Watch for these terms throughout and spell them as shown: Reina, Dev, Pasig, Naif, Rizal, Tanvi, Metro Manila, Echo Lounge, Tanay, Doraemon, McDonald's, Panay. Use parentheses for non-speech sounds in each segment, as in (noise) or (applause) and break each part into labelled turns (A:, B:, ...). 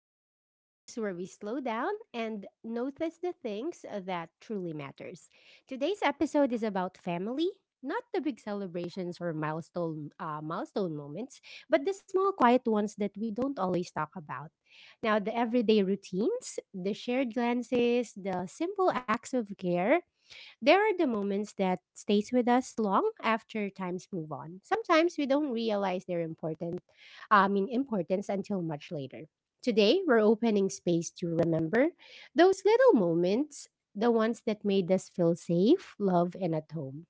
A: Lounge, the space where we slow down and notice the things that truly matters. Today's episode is about family, not the big celebrations or milestone moments, but the small quiet ones that we don't always talk about. Now, the everyday routines, the shared glances, the simple acts of care there are the moments that stays with us long after times move on. Sometimes we don't realize their importance until much later. Today, we're opening space to remember those little moments, the ones that made us feel safe, loved, and at home.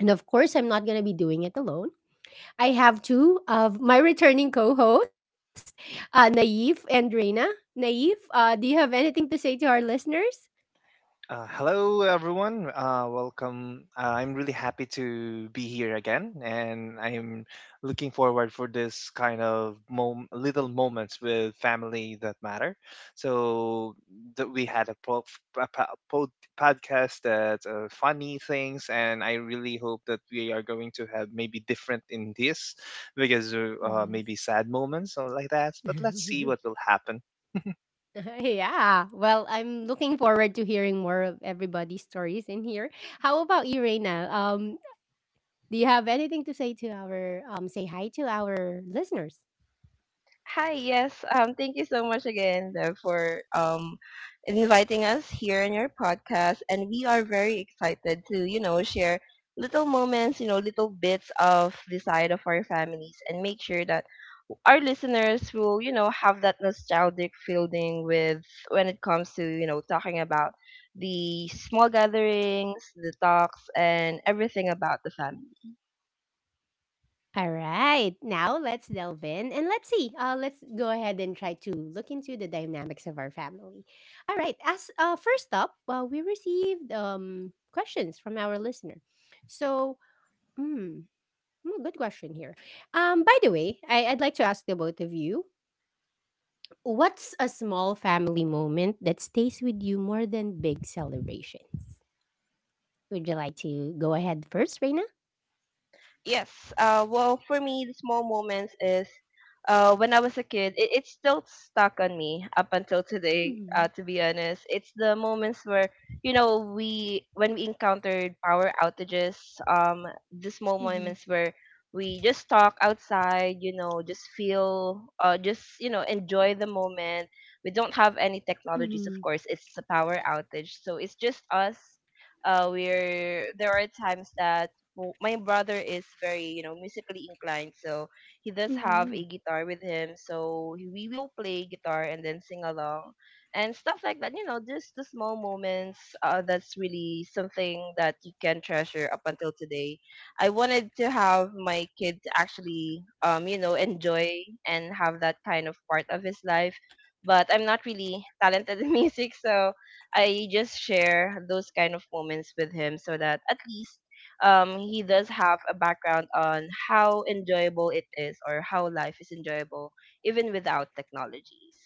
A: And of course, I'm not going to be doing it alone. I have two of my returning co-hosts, Naif and Reina. Naif, do you have anything to say to our listeners?
B: Hello, everyone. Welcome. I'm really happy to be here again, and I'm looking forward for this kind of little moments with family that matter. So that we had a podcast that funny things, and I really hope that we are going to have maybe different in this, because
A: Yes.
B: maybe sad moments or like that. But let's see what
A: (laughs)
B: will happen.
A: (laughs) Yeah. Well, I'm looking forward to hearing more of everybody's stories in here. How about you, Reina? Do you have anything to say to our say hi to our listeners?
C: Hi, yes. Thank you so much again Dev, for inviting us here in your podcast, and we are very excited to share little moments, little bits of the side of our families, and make sure that our listeners will have that nostalgic feeling with when it comes to talking about the small gatherings, the talks, and everything about the family.
A: All right. Now let's delve in and let's see. Let's go ahead and try to look into the dynamics of our family. All right. As first up, we received questions from our listener. So, mm, good question here. By the way, I'd like to ask the both of you. What's a small family moment that stays with you more than big celebrations? Would you like to go ahead first, Reina?
C: Yes. Well, for me, the small moments is when I was a kid, it's still stuck on me up until today,
A: Mm-hmm.
C: to be honest. It's the moments where, we when we encountered power outages. um, the small moments where we just talk outside, just feel, just, enjoy the moment. We don't have any
A: Mm-hmm.
C: technologies, of course. It's a power outage. So it's just us. We're There are times that my brother is very musically inclined, so he does
A: Mm-hmm.
C: have a guitar with him, so we will play guitar and then sing along and stuff like that, just the small moments, that's really something that you can treasure up until today. I wanted to have my kid to actually enjoy and have that kind of part of his life, but I'm not really talented (laughs) in music, so I just share those kind of moments with him so that at least, he does have a background on how enjoyable it is or how life is enjoyable even without technologies.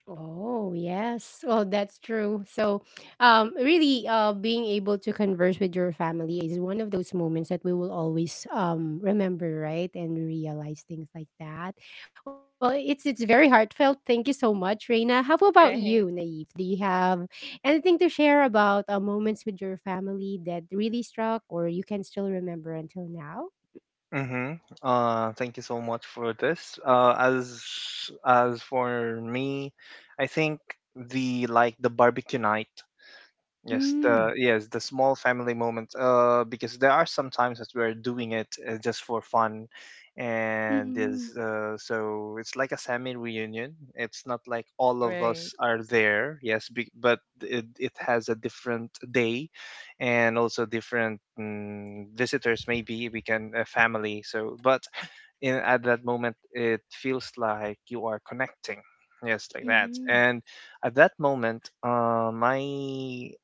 A: Oh, yes. Well, that's true. So, really, being able to converse with your family is one of those moments that we will always remember, right? And realize things like that. Well, it's very heartfelt. Thank you so much, Reina. How about you,
C: Right.
A: Naive? Do you have anything to share about moments with your family that really struck or you can still remember until now?
B: Mm-hmm. Thank you so much for this. As for me, I think the like the barbecue night. Yes,
A: Hmm.
B: the yes, the small family moments. Because there are some times that we're doing it just for fun, and
A: mm,
B: is so it's like a semi reunion. It's not like all of
C: Right,
B: us are there. Yes, but it has a different day, and also different visitors. Maybe we can a family. So, but in at that moment it feels like you are connecting, yes, like that.
A: mhm,
B: And at that moment, my,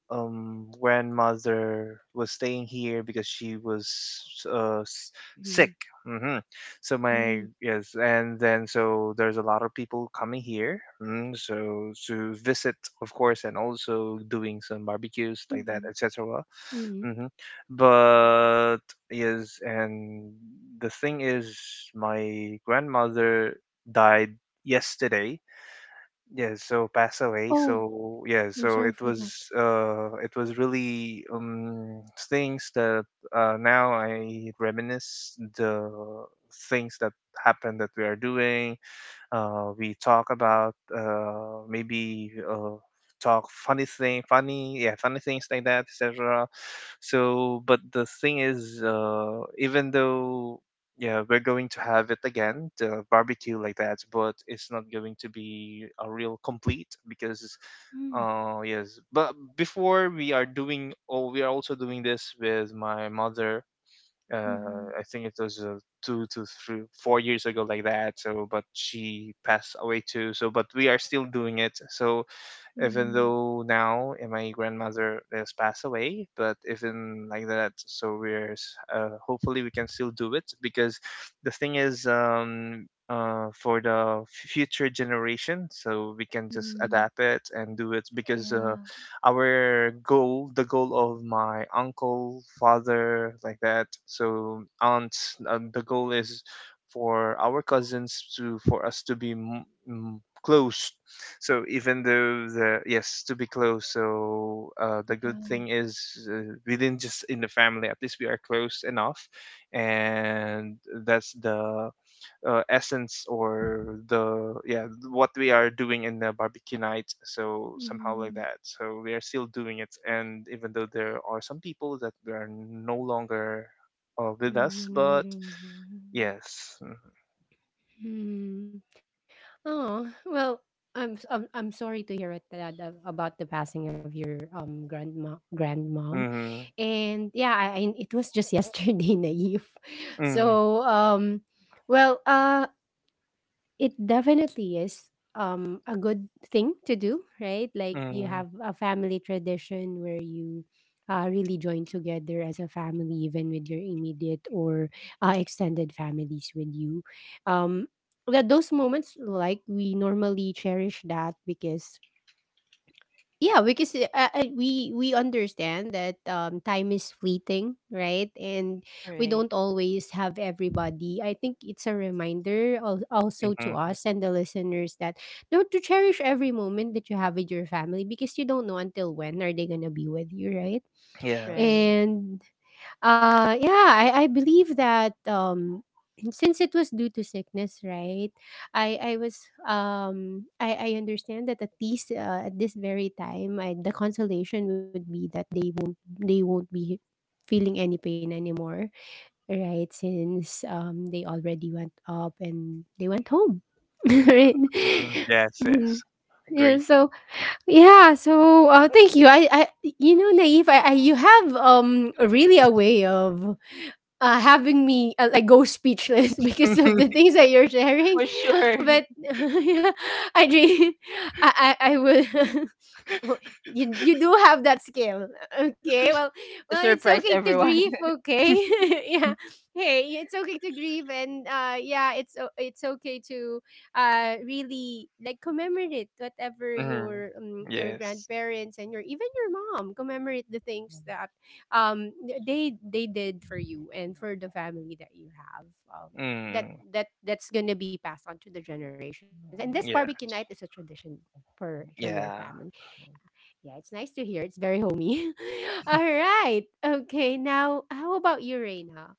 B: grandmother was staying here because she was uh, s-
A: mhm,
B: sick. hmm so
A: mhm,
B: my, yes, and then so there's a lot of people coming here, so to visit, of course, and also doing some barbecues
A: mhm,
B: like that, etc.
A: mhm.
B: hmm But yes, and the thing is, my grandmother died yesterday. Yeah, so pass away.
A: Oh,
B: So
A: I'm
B: yeah,
A: sorry
B: so
A: for that.
B: it was really things that now I reminisce the things that happened that we are doing, we talk about maybe talk funny thing funny yeah funny things like that, etc. So but the thing is, even though, yeah, we're going to have it again the barbecue like that, but it's not going to be a real complete because
A: Mm,
B: yes, but before we are also doing this with my mother.
A: mhm,
B: I think it was 2 to 3, 4 years ago, like that. So, but she passed away too. So, but we are still doing it. So, even
A: mhm,
B: though now my grandmother has passed away, but even like that, so hopefully we can still do it, because the thing is, for the future generation, so we can just
A: mhm.
B: adapt it and do it, because
A: Yeah,
B: our goal, the goal of my uncle, father, like that, so aunt, the goal is for our cousins, to for us to be close, so even though the, yes, to be close, so, the good
A: yeah.
B: thing is, within just in the family, at least we are close enough, and that's the, essence, or the, yeah, what we are doing in the barbecue night, so somehow like
A: Mhm,
B: that, so we are still doing it, and even though there are some people that they are no longer with
A: I
B: us,
A: know what
B: but
A: you're doing.
B: yes.
A: Mhm. Oh, well, I'm sorry to hear it, Dad, about the passing of your grandma grandmom.
B: Mm-hmm.
A: And yeah, I it was just yesterday (laughs) naive,
B: Mm.
A: so well, it definitely is a good thing to do, right? Like you have
B: Mm.
A: a family tradition where you really join together as a family even with your immediate or extended families with you, um that those moments, like we normally cherish that because yeah, because we understand that time is fleeting, right? And we
C: right,
A: don't always have everybody. I think it's a reminder al- also to
B: Mm-hmm.
A: us and the listeners that no, to cherish every moment that you have with your family because you don't know until when are they gonna be with you, right?
B: Yes.
C: right.
A: And yeah, I believe that (clears throat) since it was due to sickness, right? I was I understand that at least at this very time, the consolation would be that they won't be feeling any pain anymore, right? Since they already went up and they went home, (laughs) right?
B: Mm. Yes.
A: Mhm.
B: Yes.
A: Yeah,
B: Agree.
A: so yeah, so thank you. You know, naive. You have really a way of having me like go speechless (laughs) because of the things that you're sharing.
C: For sure. (laughs)
A: But (laughs) yeah, I, dream, I will. (laughs) Well, you do have that skill. Okay, well,
C: To
A: well it's
C: surprise
A: okay to
C: everyone.
A: grieve, okay. (laughs) Yeah, hey it's okay to grieve and yeah it's it's okay to really like commemorate whatever
B: Mm.
A: your
B: Yes.
A: grandparents and your even your mom, commemorate the things that um they did for you and for the family that you have,
B: Mm.
A: that that's gonna be passed on to the generations, and this barbecue night is a
B: Yes.
A: tradition for your
B: Yeah.
A: family. Yeah, it's nice to hear, it's very homey. (laughs) All right, okay, now how about you, Reina?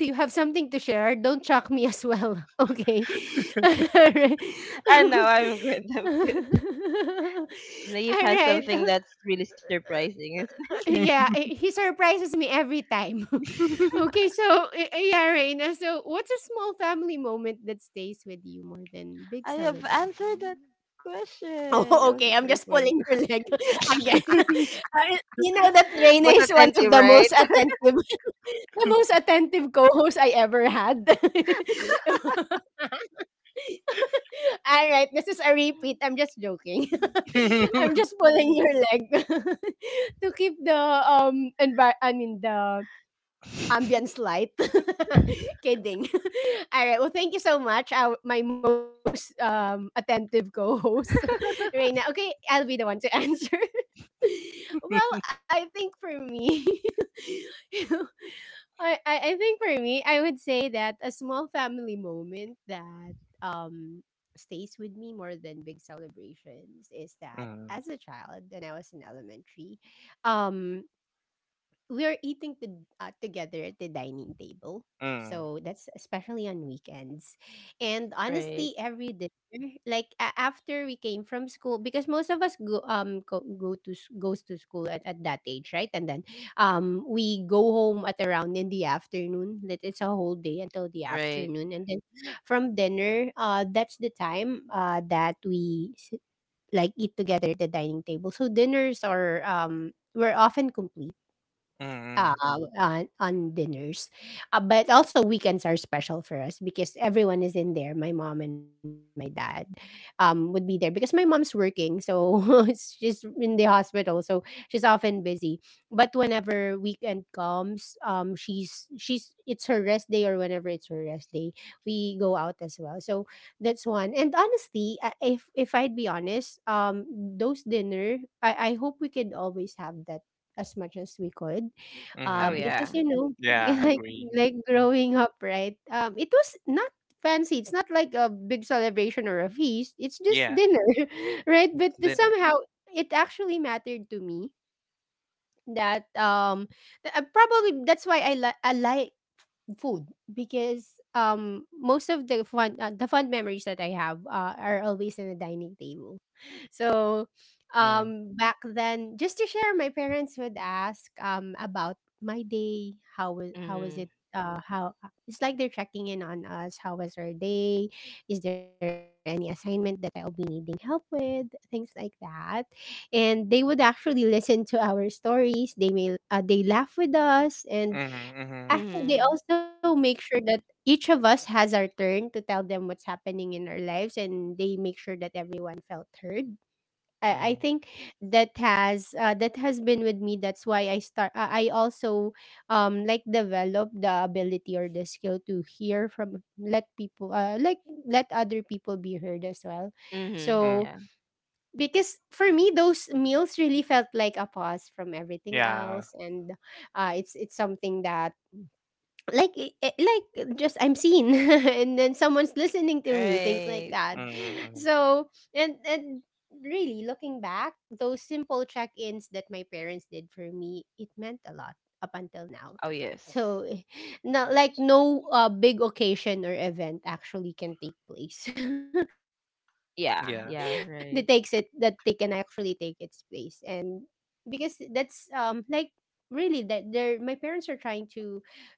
A: Do you have something to share? Don't chuck me as well. (laughs) Okay. (laughs) Alright.
C: (laughs) I know, I'm good. I'm good. Naive has
A: Alright. (laughs)
C: something
A: (laughs)
C: that's really surprising. It's,
A: Yeah, he surprises me every time. (laughs) Okay, so yeah, Reina. So what's a small family moment that stays with you more than big
C: I have
A: celebration? (laughs)
C: answered that question. I was the
A: Oh,
C: first
A: okay. I'm
C: one.
A: just pulling your leg (laughs) again. (laughs) You know that
C: (laughs) Most
A: Reina is
C: attentive,
A: one of the
C: right?
A: most attentive, (laughs) the most attentive co-host I ever had. (laughs) (laughs) All right, this is a repeat. I'm just joking. (laughs) I'm just
B: (laughs)
A: pulling your leg (laughs) to keep the the ambience light. (laughs) Kidding. (laughs) All right. Well, thank you so much. Our, my most attentive co-host, (laughs) Reina.
C: (laughs)
A: Okay, I'll be the one to answer. (laughs) Well, I think for me, (laughs) I think for me, I would say that a small family moment that um stays with me more than big celebrations is that
B: Mm.
A: as a child when I was in elementary, um we are eating to, together at the dining table.
B: Mm.
A: So that's especially on weekends. And honestly,
C: Right,
A: every dinner, like after we came from school, because most of us go goes to school at that age, right? And then we go home at around in the afternoon. That it's a whole day until the
C: right.
A: afternoon, and then from dinner, that's the time that we like eat together at the dining table. So dinners are were often complete,
B: Mm.
A: uh, on dinners. But also weekends are special for us because everyone is in there. My mom and my dad would be there because my mom's working, so (laughs) she's in the hospital, so she's often busy. But whenever weekend comes, she's it's her rest day or whenever it's her rest day, we go out as well. So that's one. And honestly, if I'd be honest, those dinner, I hope we could always have that as much as we could,
C: Oh
B: Mm-hmm.
A: because
C: yeah.
A: as you know,
B: Yeah.
A: (laughs) like
B: Agree.
A: like
B: Mm.
A: growing up, right? It was not fancy. It's not like a big celebration or a feast. It's
B: Yeah.
A: just dinner, (laughs) right?
B: It's
A: But
B: dinner.
A: somehow it actually mattered to me that probably that's why I like food because most of the fun the fun memories that I have are always in the dining table. So
B: Mm.
A: back then just to share, my parents would ask about my day, how was
C: Mhm.
A: it, how it's like they're checking in on us, how was our day? Is there any assignment that I'll be needing help with? Things like that. And they would actually listen to our stories. They may they laugh with us, and
B: Mm-hmm. Mm-hmm.
A: actually, they
C: Mm-hmm.
A: also make sure that each of us has our turn to tell them what's happening in our lives, and they make sure that everyone felt heard. I
B: Mm-hmm.
A: think that has that has been with me. That's why I start. I also like develop the ability or the skill to hear from let people like let other people be heard as well.
C: Mm-hmm. Mm-hmm.
B: Mm.
A: So
C: Yeah.
A: because for me those meals really felt like a pause from everything
B: Yeah.
A: else, and it's something that like like just I'm seen (laughs) and then someone's listening to me, things like
C: Right.
A: that.
B: Mm. Mm.
A: So and really looking back, those simple check-ins that my parents did for me, it meant a lot up until now.
C: Oh yes.
A: So not
B: Yes.
A: like no big occasion or event actually can take place (laughs) that takes it, that
C: Yeah,
A: they
B: Yeah.
A: can
C: yeah,
A: actually
C: right.
A: take its place, and because that's like really that they're my parents are trying to show their love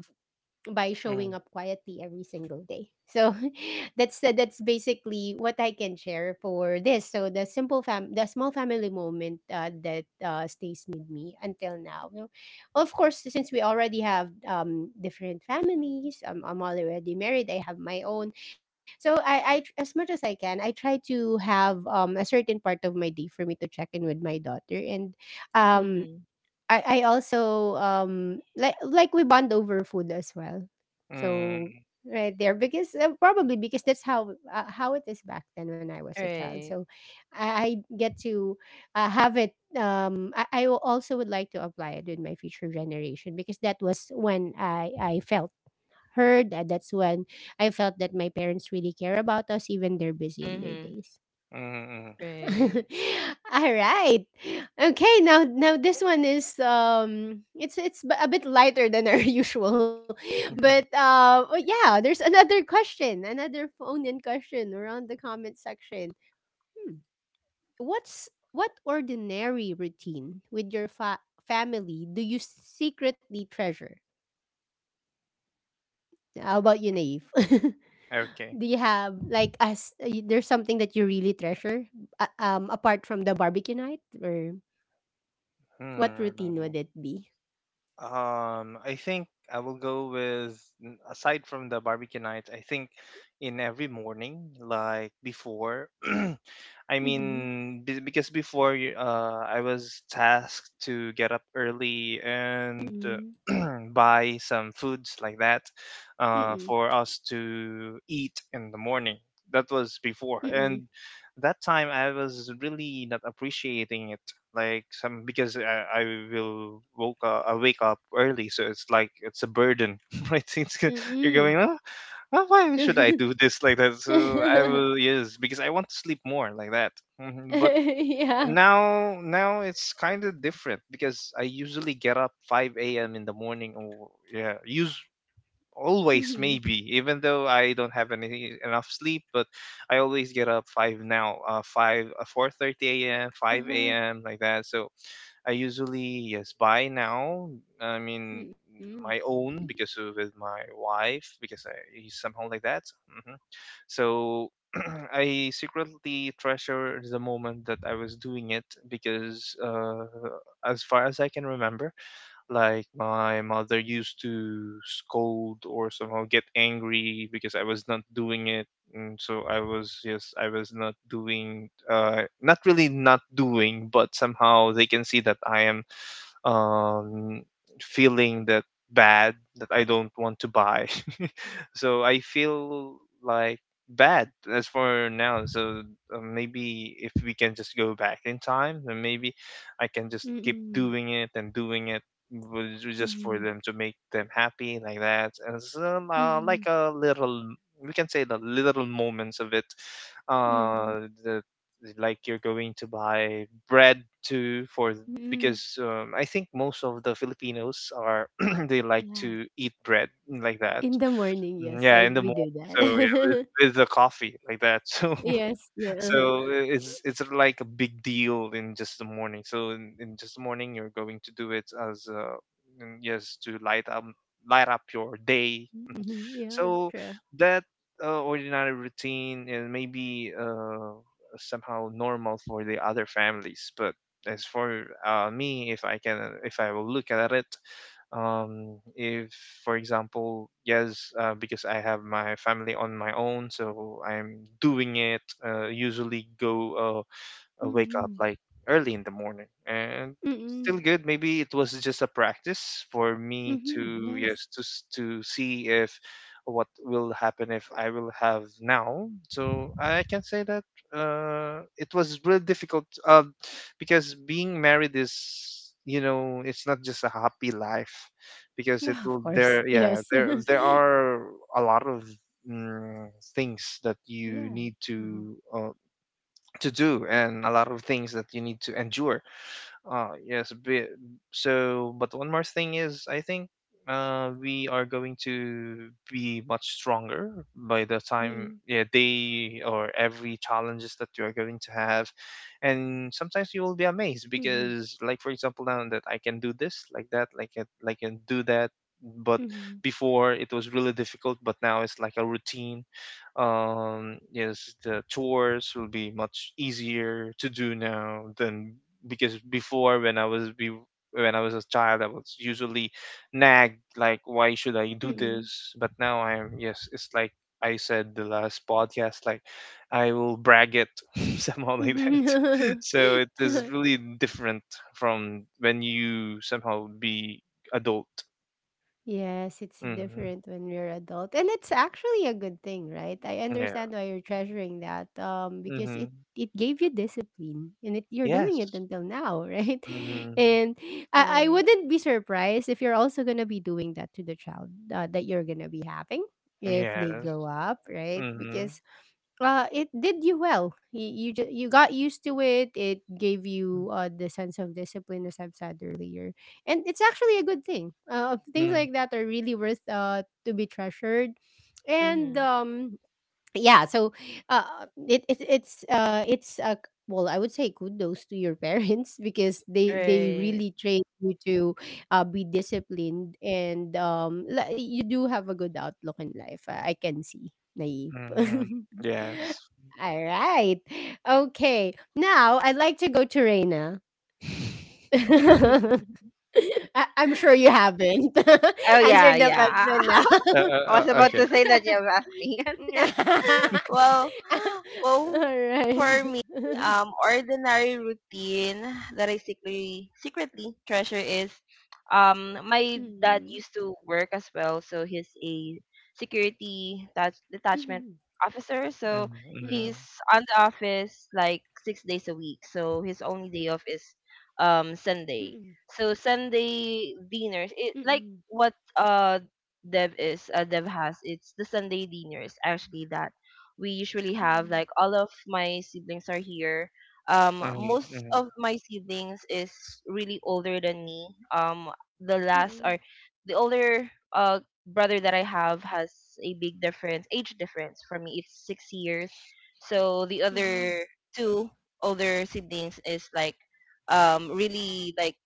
A: by showing up quietly
B: Mm.
A: every single day. So (laughs) that's basically what I can share for this. So the small family moment that stays with me until now. No- Of course, since we already have different families, I'm already married. I have my own. So I as much as I can, I try to have a certain part of my day for me to check in with my daughter, and um
C: Mhm.
A: I also like we bond over food as well. So
B: Mm.
A: right there because probably because that's how it is back then when I was a child. So
C: Right.
A: I get to have it. I will also would like to apply it with my future generation because that was when I felt heard. That's when I felt that my parents really care about us, even they're busy in their
C: Mhm.
A: days.
B: Mm.
C: Right.
A: (laughs) All right. Okay, now this one is a bit lighter than our (laughs) usual.
B: Mm.
A: But
B: (laughs)
A: oh yeah, there's another question, another phone-in question around the comment section. Hmm. What ordinary routine with your family do you secretly treasure? How about you, Naive? (laughs)
B: Okay.
A: Do you have, like us, there's something that you really treasure apart from the barbecue night or what routine
B: Mm,
A: would it be?
B: I think I will go with aside from the barbecue nights. I think in every morning, like before, (clears throat) I
A: Mhm.
B: mean, because I was tasked to get up early, and
A: Mm.
B: uh, (clears throat) buy some foods like that, for
A: Mm.
B: us to eat in the morning. That was before, and
A: Mm.
B: that time I was really not appreciating it. Like some, because I will woke up, I wake up early, so it's like it's a burden, (laughs) right? You're going,
A: Mm.
B: oh, well, why should I do this, like that? So I will,
A: (laughs)
B: yes, because I want to sleep more, like that. But
A: Yeah.
B: now it's kind of different, because I usually get up 5 a.m. in the morning. Or, yeah, use always
A: Mhm.
B: maybe, even though I don't have any enough sleep, but I always get up five now, five, 4:30 a.m., 5
A: Uh-huh.
B: a.m. like that. So I usually, yes, buy now. I mean
A: Mm.
B: my own, because of with my wife, because he's somehow like that. So, mm-hmm. So (clears throat) I secretly treasure the moment that I was doing it, because, as far as I can remember, like my mother used to scold or somehow get angry because I was not doing it. And so I was, yes, I was not doing, not really not doing, but somehow they can see that I am, um, feeling that bad that I don't want to buy. (laughs) So I feel like bad as for now. So, maybe if we can just go back in time, then maybe I can just keep
A: Mm.
B: doing it and doing it, just for
A: Mm.
B: them to make them happy, like that. And so, like
A: Mhm.
B: a little, we can say the little moments of it.
A: Mm.
B: The like you're going to buy bread too, for,
A: Mm.
B: because, I think most of the Filipinos are, (clears throat) they like
A: Yeah.
B: to eat bread like that.
A: In the morning,
B: Mm,
A: yes,
B: yeah, in
A: I
B: the
A: we
B: morning.
A: do
B: So yeah, with,
A: that. (laughs)
B: with the coffee, like that. (laughs) So
A: Yes. Uh-huh.
B: so it's like a big deal in just the morning. So in just the morning, you're going to do it as, yes, to light up your day,
A: Mhm. Yeah,
B: so
A: true.
B: that, ordinary routine, and maybe, somehow normal for the other families, but as for, me, if I can, if I will look at it, if for example, yes, because I have my family on my own, so I'm doing it. Usually go, wake up
A: Mhm.
B: like early in the morning, and still
A: Mhm.
B: good, maybe it was just a practice for me
A: Mhm.
B: to, yes,
A: Yes.
B: to see if what will happen if I will have now, so I can say that it was really difficult, because being married is, it's not just a happy life, because it
A: Yeah,
B: will
A: of
B: there,
A: course.
B: yeah,
A: Yes. (laughs)
B: there are a lot of, mm, things that you
A: Yeah.
B: need to,
A: Mhm.
B: to do, and a lot of things that you need to endure, yes. So, but one more thing is, I think, we are going to be much stronger by the time,
A: Mhm.
B: yeah, they or every challenges that you are going to have, and sometimes you will be
A: Mhm.
B: amazed, because, like for example, now that I can do this, like that, like it, like can do that. But
A: Mhm.
B: before it was really difficult, but now it's like a routine. Yes, the chores will be much easier to do now than, because before, when I was a child, I was usually nagged, like, why should I do
A: Mhm.
B: this? But now I'm, yes, it's like I said the last podcast, like I will brag it, (laughs) somehow like that. (laughs)
A: Mhm.
B: So it is
A: (laughs)
B: really different from when you somehow be adult.
A: Yes, it's
B: Hmm.
A: different when we're adult. And it's actually a good thing, right? I
B: Yeah.
A: understand why you're treasuring that. Because
B: Hmm.
A: it gave you discipline, and you're
B: Yes.
A: doing it until now, (laughs) right?
B: Hmm.
A: And I
C: Right.
A: wouldn't be surprised if you're also gonna be doing that to the child that you're gonna be having if they
B: Yes.
A: grow up, right?
B: Hmm.
A: Because it did you well. You got used to it. It gave you the sense of discipline, as I've said earlier. And it's actually a good thing. Things
B: Mm-hmm.
A: like that are really worth to be treasured. And
C: Mhm.
A: Yeah, so it, it it's well, I would say kudos to your parents (laughs) because they
C: Right.
A: really train you to be disciplined. And You do have a good outlook in life. I can see, Naive.
B: Mm-hmm.
A: (laughs)
B: Yes.
A: All right. Okay, now I'd like to go to Reina.
B: (laughs)
A: (laughs) I-
C: (laughs)
A: I'm sure you haven't (laughs)
C: Oh yeah,
A: answered the
C: yeah.
B: Uh,
A: question
C: I
B: uh,
C: was
B: uh,
C: about to say that you have asked me.
A: now. (laughs)
C: (laughs) Well,
A: (laughs)
C: well,
A: Alright.
C: for me, ordinary routine that I secretly treasure is, my dad
A: Mm.
C: used to work as well, so he's a security touch, detachment
A: Mhm.
C: officer. So
A: Mm.
B: Mm-hmm.
C: he's on the office like 6 days a week. So his only day off is
A: Mm.
C: Sunday. So Sunday dinners,
A: Mm.
C: it like what uh Dev has it's the Sunday dinners actually that we usually
A: Mm.
C: have, like all of my siblings are here. Most
B: Mm-hmm.
C: of my siblings is really older than me. Um the
A: Mm.
C: last or The older uh brother that I have has a big difference, age difference, for me it's 6 years. So the
A: Mhm.
C: other two older siblings is like really like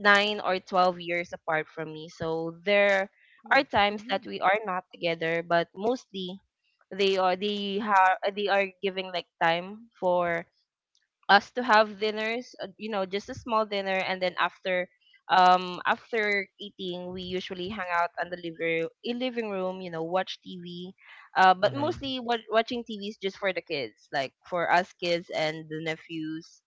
C: 9 or 12 years apart from me. So
A: (laughs)
C: there
A: Oh.
C: are times
A: Mhm.
C: that we are not together, but mostly they are giving like time for us to have dinners, you know, just a small dinner. And then after, after eating, we usually hang out on the living room, you know, watch TV. But
B: Mm-hmm. Mm-hmm.
C: mostly what watching TV is just for the kids, like for us kids and the nephews.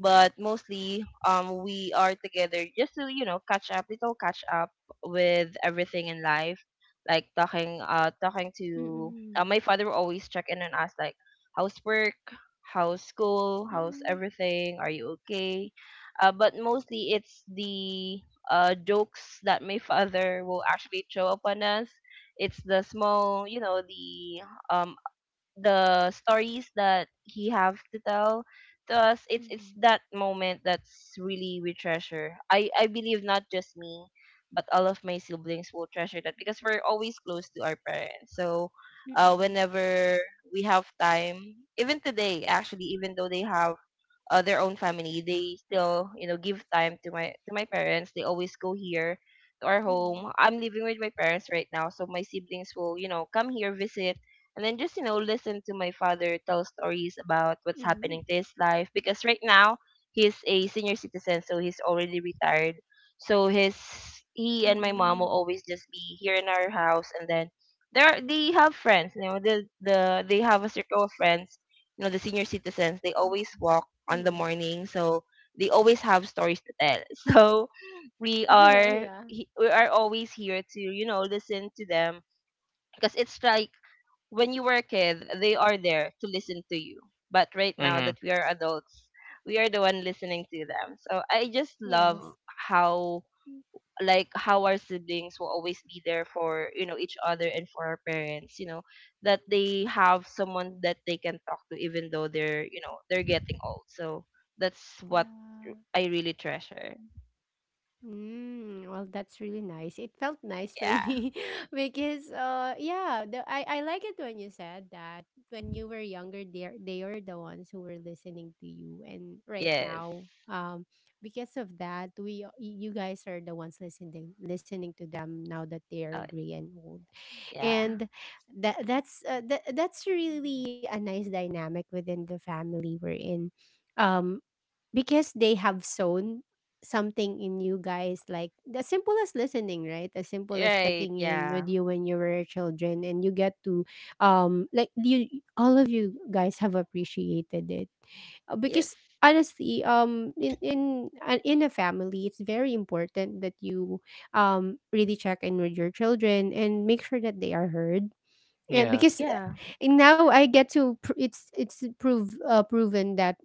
C: But mostly, we are together just to, you know, catch up, little catch up with everything in life, like talking, talking to
A: Mm.
C: my father will always check in on us like housework, how's school, how's
A: Mm.
C: everything, are you okay. But mostly it's the jokes that my (laughs) father will actually throw upon us. It's the small, you know, uh, the stories that he have to tell to us. It's that moment that's really we treasure. I believe not just me, but all of my siblings will treasure that, because we're always close to our parents. So
A: Mm.
C: whenever we have time, even today actually, even though they have their own family. They still, you know, give time to my parents. They always go here to our home.
A: Mm.
C: I'm living with my parents right now, so my siblings will, you know, come here visit and then just, you know, listen to my father tell stories
A: Mm.
C: about what's happening to his life. Because right now he's a senior citizen, so he's already retired. So his he
A: Mhm.
C: and my mom will always just be here in our house. And then there they have friends, you know, they have a circle of friends. You know, the senior citizens, they
A: Mm.
C: always walk on the
A: Mm.
C: morning. So they always have stories to tell. (laughs) So
A: (laughs) Yeah.
C: we are always here to, you know, listen to them. Because it's like when you were a kid, they are there to listen to you. But right now
B: Mm-hmm.
C: that we are adults, we are the one listening to them. So I just love
A: Yes.
C: how,
A: Mm.
C: like how our siblings will always be there for, you know, each other and for our parents, you know, that they have someone that they can talk to even though they're, you know, they're getting old. So that's what
A: Yeah.
C: I really treasure.
A: Mm, well, that's really nice. It felt nice for
C: Yeah.
A: me (laughs) because, yeah, I like it when you said that when you were younger, they were the ones who were listening to you, and right
C: Yes.
A: now, because of that, we you guys are the ones listening to them now that they
C: Oh
A: are gray and old.
C: yeah.
A: And that's that's really a nice dynamic within the family we're in. Um, because they have sown something in you guys, like the simple as listening, right? As simple as
C: Right.
A: checking in
C: Yeah.
A: with you when you were children. And you get to, um, like you, all of you guys have appreciated it,
C: Yes.
A: because honestly, in a family it's very important that you, um, really check in with your children and make sure that they are heard. Yeah,
B: Yeah.
A: because
C: Yeah.
A: and now I get to it's prove, proven, that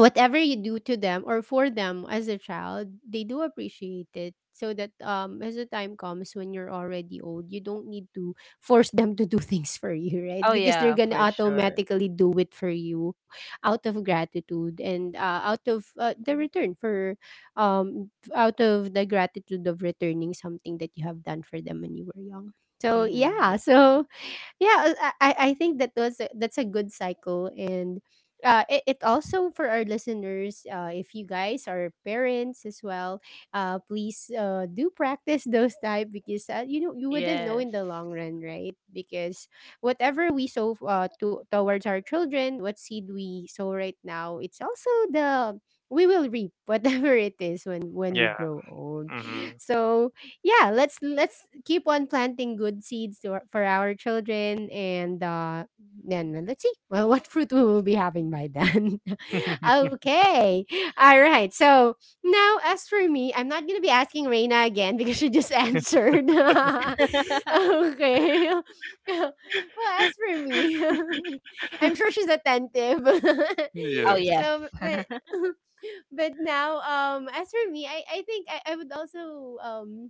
A: whatever you do to them or for them as a child, they do appreciate it. So that, um, as the time comes when you're already old, you don't need to force them to do (laughs) things for you,
C: Oh
A: right? Because
C: yeah,
A: they're gonna
C: for sure.
A: automatically do it for you out of gratitude, and out of the return for um, out of the gratitude of returning something that you have done for them when you were young. So
C: Mm-hmm.
A: yeah, (laughs) so yeah, I think that was a, that's a good cycle. And it also, for our listeners, if you guys are parents as well, please do practice (laughs) those type because, you know, you wouldn't know
C: Yes.
A: in the long run, right? Because whatever we sow towards our children, what seed we sow right now, it's also the we will reap (laughs) whatever it is when we grow old.
B: Mm-hmm.
A: So yeah, let's keep on planting good seeds for our children. And then let's see (laughs) well, what fruit we will be having by then.
B: Yeah.
A: (laughs)
B: Mm-hmm. (laughs)
A: Okay, all right. So now, as for me, I'm not gonna be asking Reina again (laughs) because she just (laughs) answered. (laughs) Okay.
C: (laughs)
A: (laughs) Well, as for me, (laughs) I'm sure she's attentive. (laughs)
C: Oh yes.
B: Yes.
A: So, but
C: (laughs)
A: (laughs) but now, um, as for me, I would also um,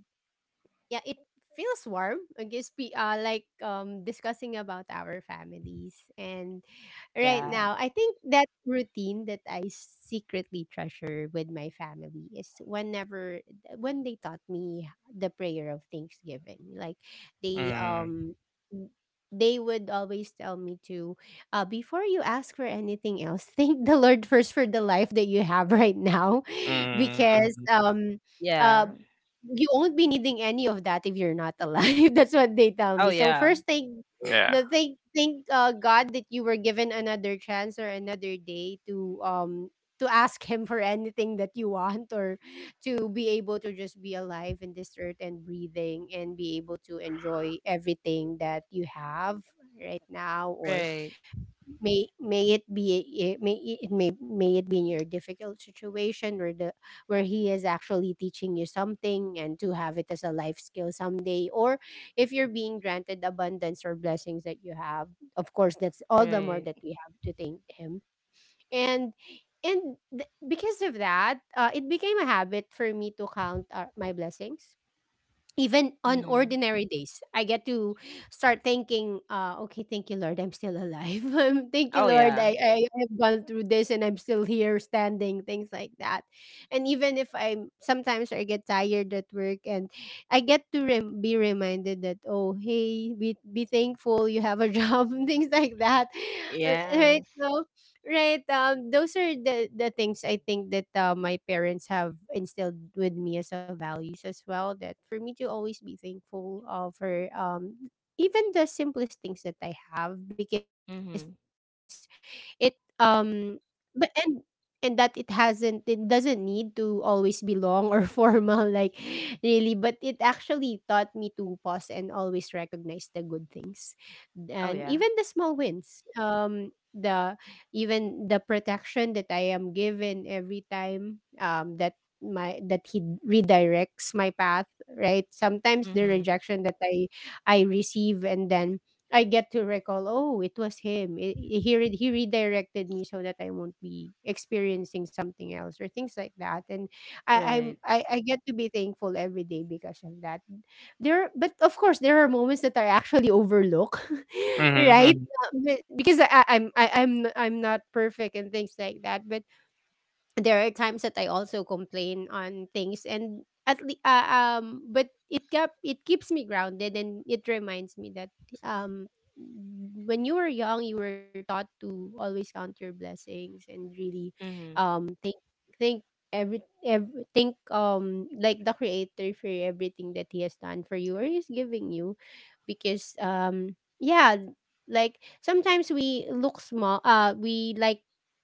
A: yeah, it feels warm. I guess we, like, um, discussing about our families. And right
C: Yeah,
A: now, I think that routine that I secretly treasure with my family is whenever when they taught me the prayer of Thanksgiving. Like they,
B: Mm-hmm.
A: um, they would always tell me to, before you ask for anything else, (laughs) thank the Lord first for the life that you have right now, (laughs) because
B: Mm-hmm.
C: yeah.
A: uh you won't be needing any of that if you're not alive. (laughs) That's what they tell
C: Oh
A: me. So
C: yeah.
A: first thank (laughs)
B: Yeah.
A: the thank thank God that you were given another chance or another day to um, to ask him for anything that you want, or to be able to just be alive in this earth and breathing, and be able to enjoy everything that you have right now, or
C: Right,
A: may it be it may it may it be in your difficult situation where the where he is actually teaching you something and to have it as a life skill someday, or if you're being granted abundance or blessings that you have, of course that's all the more
C: right.
A: that we have to thank him. And because of that, it became a habit for me to count, my blessings. Even on
C: Mm-hmm.
A: ordinary days, I get to start thinking, okay, thank you, Lord, I'm still alive. (laughs) Thank you,
C: Oh
A: Lord,
C: yeah.
A: I have gone through this and I'm still here standing, things like that. And even if I'm sometimes I get tired at work, and I get to be reminded that, oh, hey, be thankful you have a (laughs) job, and things like that. Right?
C: Yes.
A: So, right. Those are the things I think that, my parents have instilled with me as a values as well. That for me to always be thankful, for um, even the simplest things that I have because
C: Mhm.
A: it um but and that it doesn't need to always be long or (laughs) formal, like really, but it actually taught me to pause and always recognize the good things, and
C: Oh
A: even the
C: yeah.
A: small wins, um, the even the protection that I am given every time, that my that he redirects my path, right? Sometimes the
C: Mhm.
A: rejection that I receive, and then I get to recall, oh, it was him. He he redirected me so that I won't be experiencing something else, or things like that. And
C: Right.
A: I get to be thankful every day because of that. There, but of course there are moments that I actually overlook, (laughs)
B: Mm-hmm.
A: right?
B: Mm-hmm.
A: be Because I'm not perfect and things like that, but there are times that I also complain on things. And but it keeps me grounded, and it reminds me that, um, when you were young you were taught to always count your blessings, and really,
C: Mhm.
A: um, think every think, um, like the Creator, for everything that he has done for you or he's giving you. Because um, yeah, like sometimes we look small,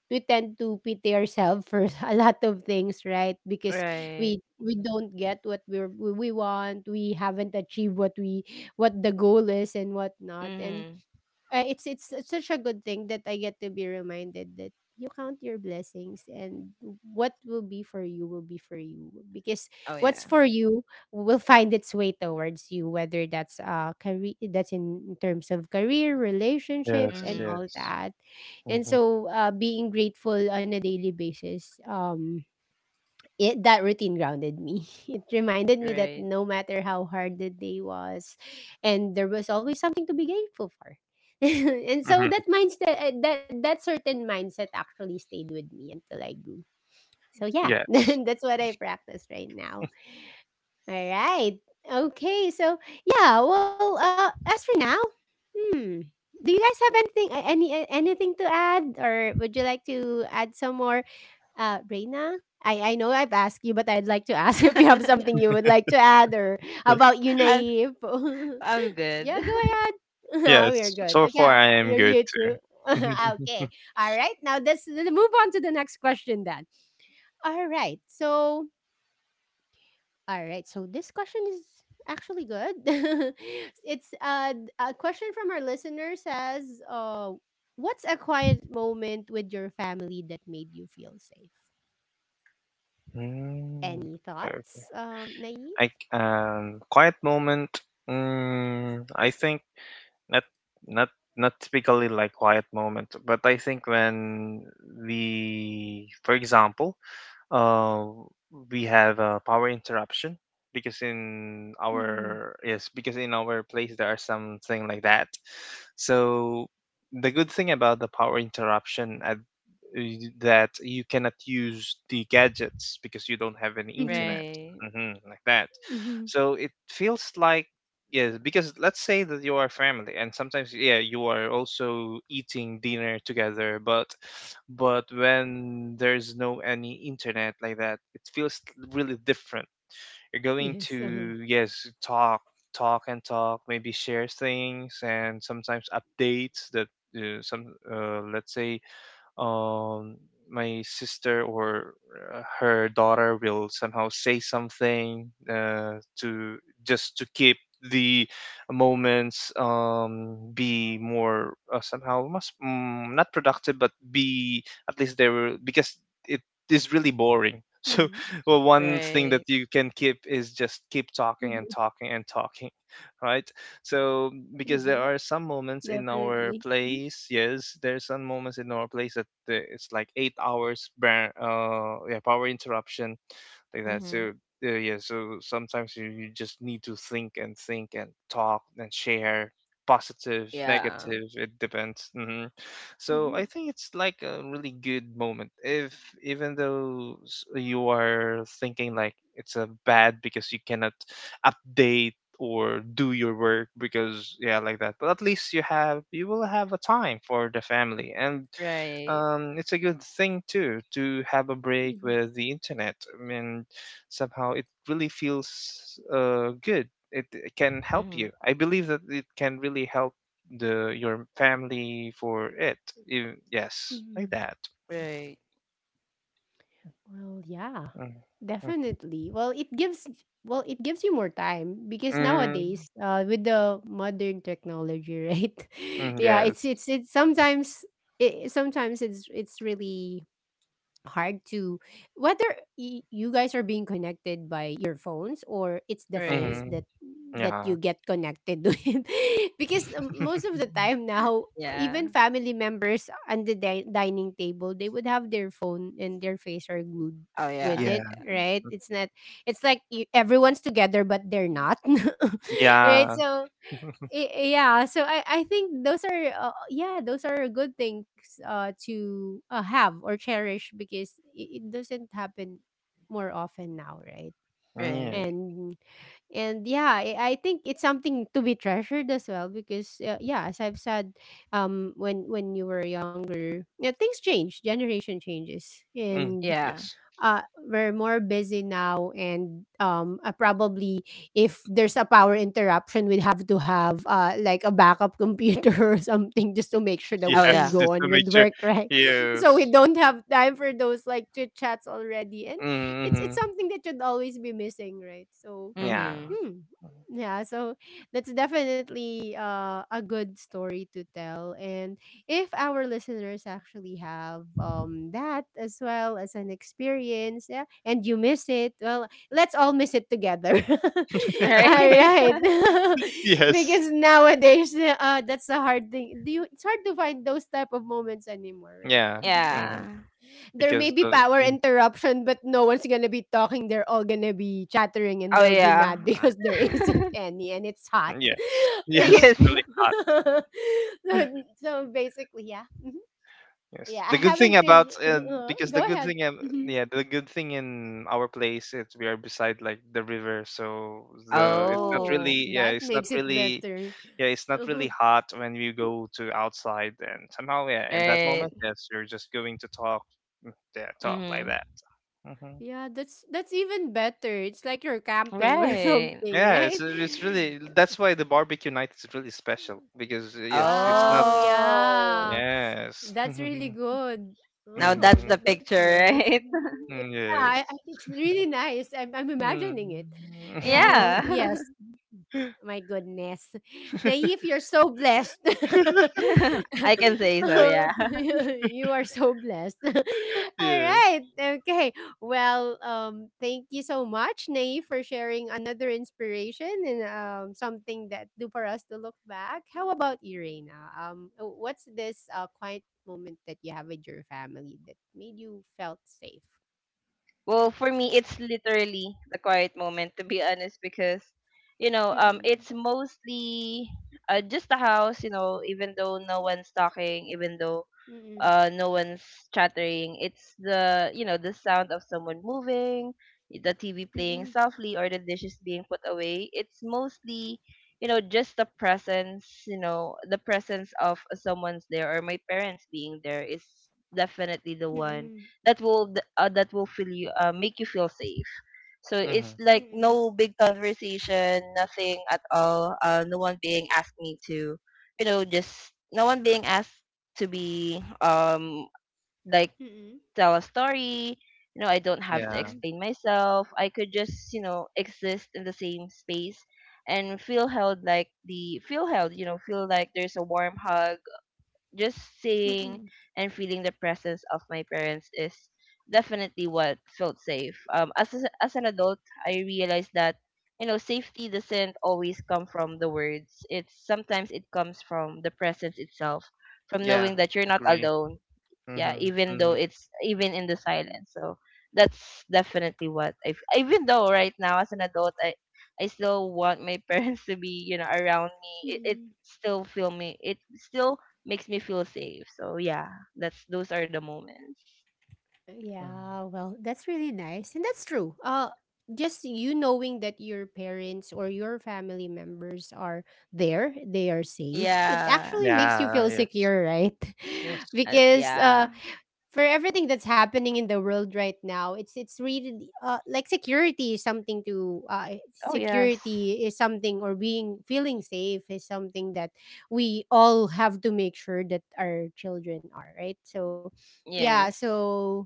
A: we tend to pity ourselves for (laughs) a lot of things, right? Because
C: Right.
A: we don't get what we want, we haven't achieved what the goal is and whatnot. And
C: Mhm.
A: it's such a good thing that I get to be reminded that you count your blessings, and what will be for you will be for you, because
C: Oh yeah.
A: what's for you will find its way towards you, whether that's career, that's in terms of career, relationship,
B: Yes.
A: and
C: Mhm.
A: all
B: Yes.
A: that. And
B: Mm-hmm.
A: so being grateful on a daily basis, um, it that routine grounded me. (laughs) It reminded me that
C: Right.
A: no matter how hard the day was, and there was always something to be grateful for. (laughs) And so
B: Mm-hmm.
A: that mindset, that certain mindset, actually stayed with me until I grew. So yeah, (laughs)
B: Yes.
A: that's what I practice right now. All right. Okay. So yeah. Well, as for now, hmm. Do you guys have anything, anything to add, or would you like to add some more, Reina? I know I've asked you, but I'd like to ask (laughs) if you have something
C: (laughs)
A: you would like to add, or
B: Y-
A: about you,
C: I'm
A: Naive.
C: I'm
A: (laughs)
C: good.
A: Yeah, go
C: (laughs)
A: ahead. (laughs) We are
B: Yes.
A: good.
B: So
A: Okay,
B: far, I am
A: you're
B: good
A: you too. (laughs)
B: too.
A: Okay.
B: (laughs)
A: All right. Now, let's move on to the next question, then. All right. So, all right. So this question is actually good. (laughs) it's a question from our listener says, "What's a quiet moment with your family that made you feel safe?"
B: Mm.
A: Any
B: Okay.
A: thoughts, Naive?
B: I quiet moment. Mm, I think not not not typically, like, quiet moment, but I think when we, for example, uh we have a power interruption, because in
A: Mm-mm.
B: our, yes, because in our place there are something like that, so the good thing about the power interruption at, that you cannot use the gadgets because you don't have any
A: Mm-hmm.
B: internet,
C: Right.
B: like that,
A: Mm-hmm.
B: so it feels like, yes, because let's say that you are family, and sometimes, yeah, you are also eating dinner together. But when there's no any internet, like that, it feels really different. You're going
A: Yes. Uh-huh.
B: to, yes, talk and talk, maybe share things, and sometimes updates that, some, let's say, um, my sister or, her daughter will somehow say something, to just to keep the moments, be more, somehow must, not productive, but be at least there were, because it
A: Mm-hmm.
B: is really boring, (laughs) so well, one thing that
C: Right.
B: you can keep is just
A: Mm-hmm.
B: keep talking and talking and talking, right? So,
A: Mm-hmm.
B: because there are some moments in
A: Definitely.
B: our
A: Mm-hmm.
B: place, yes, there's some moments in our place that, it's like 8 hours, yeah, power interruption, like that.
C: Mhm.
B: So, yeah, so sometimes you just need to think and talk and share positive,
C: Yeah.
B: negative, it depends. So
A: Mm-hmm.
B: I think it's like a really good moment. If you are thinking like it's a bad because you cannot update or do your work because yeah like that, but at least you will have a time for the family. And
C: Right.
B: it's a good thing too to have a break with the internet. I mean, somehow it really feels good. It can help you.
C: Mhm.
B: I believe that it can really help the your family for it. Yes, like
A: Mm-hmm.
B: that.
C: Right.
A: Well, yeah.
B: Mm-hmm.
A: Definitely. Well, it gives you more time because
B: Mm-hmm.
A: nowadays, with the modern technology, (laughs) right?
B: Mm-hmm,
A: Yeah,
B: yes.
A: it's sometimes sometimes it's really hard to whether you guys are being connected by your phones, or it's the phones
C: Right.
B: Mm-hmm.
A: that you
B: Yeah.
A: get connected (laughs) with, because most
B: (laughs)
A: of the time now
C: Yeah.
A: even family members on the dining table, they would have their phone and their face are glued
C: Oh yeah.
A: with
B: Yeah.
A: it,
C: Yeah.
A: right? It's not, it's like everyone's together but they're not. (laughs) Right,
B: Yeah.
A: so yeah, so I think those are yeah, those are good things to have or cherish, because it doesn't happen more often now, right?
B: Yeah.
C: Right.
A: and and yeah, I think it's something to be treasured as well, because yeah, as I've said, when you were younger, yeah, things change, generation changes.
B: Mm.
A: And
C: Yeah.
B: Yes.
A: uh, we're more busy now, and probably if there's a power interruption, we'd have to have like a backup computer (laughs) or something just to make sure
B: (laughs)
A: that we
C: Oh
A: can
B: Yes.
C: yeah.
A: go
B: Just to
A: on
B: make
A: with
B: sure.
A: work, right? (laughs) So we
B: Yes.
A: don't have time for those like chit chats already. And it's
B: Mm-hmm.
A: something that should always be missing, right? So
B: Yeah.
C: Mhm.
A: hmm. Yeah, so that's definitely a good story to tell. And if our listeners actually have that as well as an experience, yeah, and you miss it, well, let's all miss it together.
C: (laughs)
B: (laughs)
A: (laughs) All
C: Right.
A: right. (laughs)
B: Yes.
A: Because nowadays, that's the hard thing. It's hard to find those type of moments anymore, right?
B: Yeah,
A: Mm-hmm.
C: Yeah.
B: mhm,
A: There
B: because
A: may be
B: the
A: power
B: mm,
A: interruption, but no one's gonna be talking. They're all gonna be chattering and
C: Oh
A: they'll be
C: yeah.
A: mad (laughs) because there
B: mm,
A: isn't
C: (laughs)
A: any and it's hot.
B: mm, yes, (laughs)
A: (laughs)
B: yes,
A: So,
B: it's
C: Yes.
B: really hot.
A: so basically, yeah. Mhm.
B: Yes,
A: Yeah,
B: the
A: I
B: good thing
A: haven't
B: about
A: really.
B: because the
A: Go
B: good
A: ahead.
B: thing, ab-
A: Mhm.
B: yeah, the good thing in our place is we are beside like the river, so the it's
A: Oh,
C: Oh.
A: that
B: not
A: makes it
B: really,
A: better.
B: yeah, it's not really
A: Uh-huh.
B: hot when you go to outside. And somehow, yeah, in that
C: Right.
B: moment, yes, you're just going to talk, mm, yeah, talk like
C: Mhm.
B: that. Hmm.
A: Yeah, that's even better. It's like you're camping or (laughs)
C: Right.
A: something,
B: Yeah, it's
A: right?
B: it's really that's why the barbecue night is really special because yes, it's not.
A: Wow,
C: Oh.
A: yeah.
B: Yes.
A: That's really
B: (laughs)
A: good.
C: Now
A: Oh,
C: that's
B: Mhm.
C: the
A: that's
C: picture,
A: nice.
C: right? (laughs)
A: Yeah,
B: Mm, yes.
A: I it's really nice. I'm
B: Hmm.
A: imagining it. Yeah, well,
C: Yeah.
A: yes. My goodness. Naif, you're so blessed. (laughs)
B: (laughs)
C: (laughs) I can say so, yeah. (laughs)
A: You are so blessed. (laughs) All
B: Yeah.
A: right. Okay. Well, thank you so much, Naif, for sharing another inspiration and something that do for us to look back. How about you, Reina? What's this quiet moment that you have with your family that made you felt safe?
C: Well, for me it's literally the quiet moment to be honest. Because, you know,
A: Mm.
C: it's mostly just the house, you know, even though no one's talking, even
A: Hmm.
C: though
A: Mm,
C: no one's chattering, it's the, you know, the sound of someone moving, the TV playing
A: mm,
C: softly, or the dishes being put away. It's mostly, you know, just the presence, you know, the presence of someone's there or my parents being there is definitely the one
A: mm,
C: that will that will feel you, make you feel safe. So it's
B: Mhm.
C: like
A: mm,
C: no big conversation, nothing at all. No one being asked me to, you know, just no one being asked to be like
A: mm,
C: tell a story. You know, I don't have to
B: Yeah.
A: mm,
C: explain myself. I could just, you know, exist in the same space and feel held, like the feel held you know, feel like there's a warm hug. Just seeing
A: mm,
C: and feeling the presence of my parents is definitely what felt safe. As a, as an adult, I realized that, you know, safety doesn't always come from the words. It's sometimes it comes from the presence itself, from
B: Yeah.
C: knowing that you're not
B: Agree.
C: alone. Yeah,
B: Mhm.
C: even though
B: Mhm.
C: it's even in the silence. So that's definitely what even though right now as an adult, I still want my (laughs) parents to be, you know, around me. It
A: mm.
C: still feel me, it still makes me feel safe. So yeah, that's those are the moments.
B: Mm.
A: Yeah, well, that's really nice, and that's true. Just you knowing that your parents or your family members are there, they are safe. It
C: Yeah.
A: actually makes you
B: Yeah.
A: feel
B: Yes.
A: secure, right?
B: Yes.
A: (laughs)
C: Uh,
A: Because
C: yeah.
A: for everything that's happening in the world right now, it's really like security is something to
C: Oh yes.
A: security is something or being feeling safe is something that we all have to make sure that our children are, right? So yeah,
C: Yes.
A: so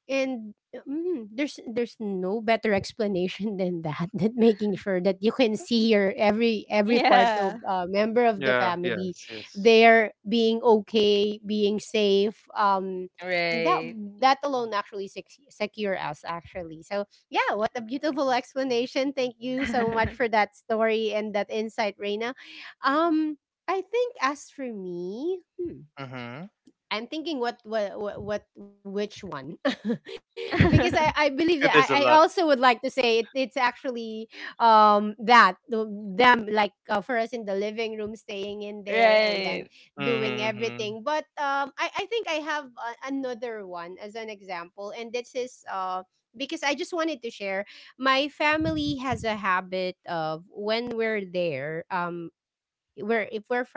A: and there's no better explanation than that (laughs) than making sure that you can see your every part of
C: Yeah.
A: member of the
B: Yeah.
A: family.
B: Yes. Yes.
A: They're being okay, being safe. That
C: Right.
A: that alone actually secure us, actually. So yeah, what a beautiful explanation. Thank you so much for
C: (laughs)
A: that story and that insight, Reina. Um, I think as for me, hmm,
B: Mhm.
A: I'm thinking what which one, (laughs) because I believe
B: (laughs)
A: that
B: There's
A: I
B: a lot.
A: also would like to say it's actually that them, like for us in the living room staying in there
C: Right.
A: and then doing
B: Mhm.
A: everything. But I think I have a, another one as an example, and this is because I just wanted to share my family has a habit of when we're there.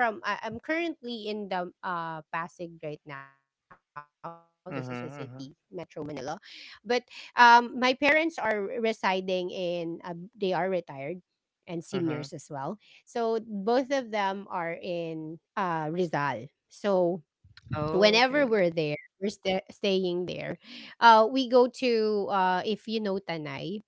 A: We're if we're from I'm currently in the Pasig right now. This is a
B: Mhm.
A: city,
B: Mhm.
A: Metro Manila. But my parents are residing in they are retired and
B: Mhm.
A: seniors as well. So both of them are in Rizal. So
C: Oh, okay.
A: whenever we're there, we're staying there. We go to if you know Tanay,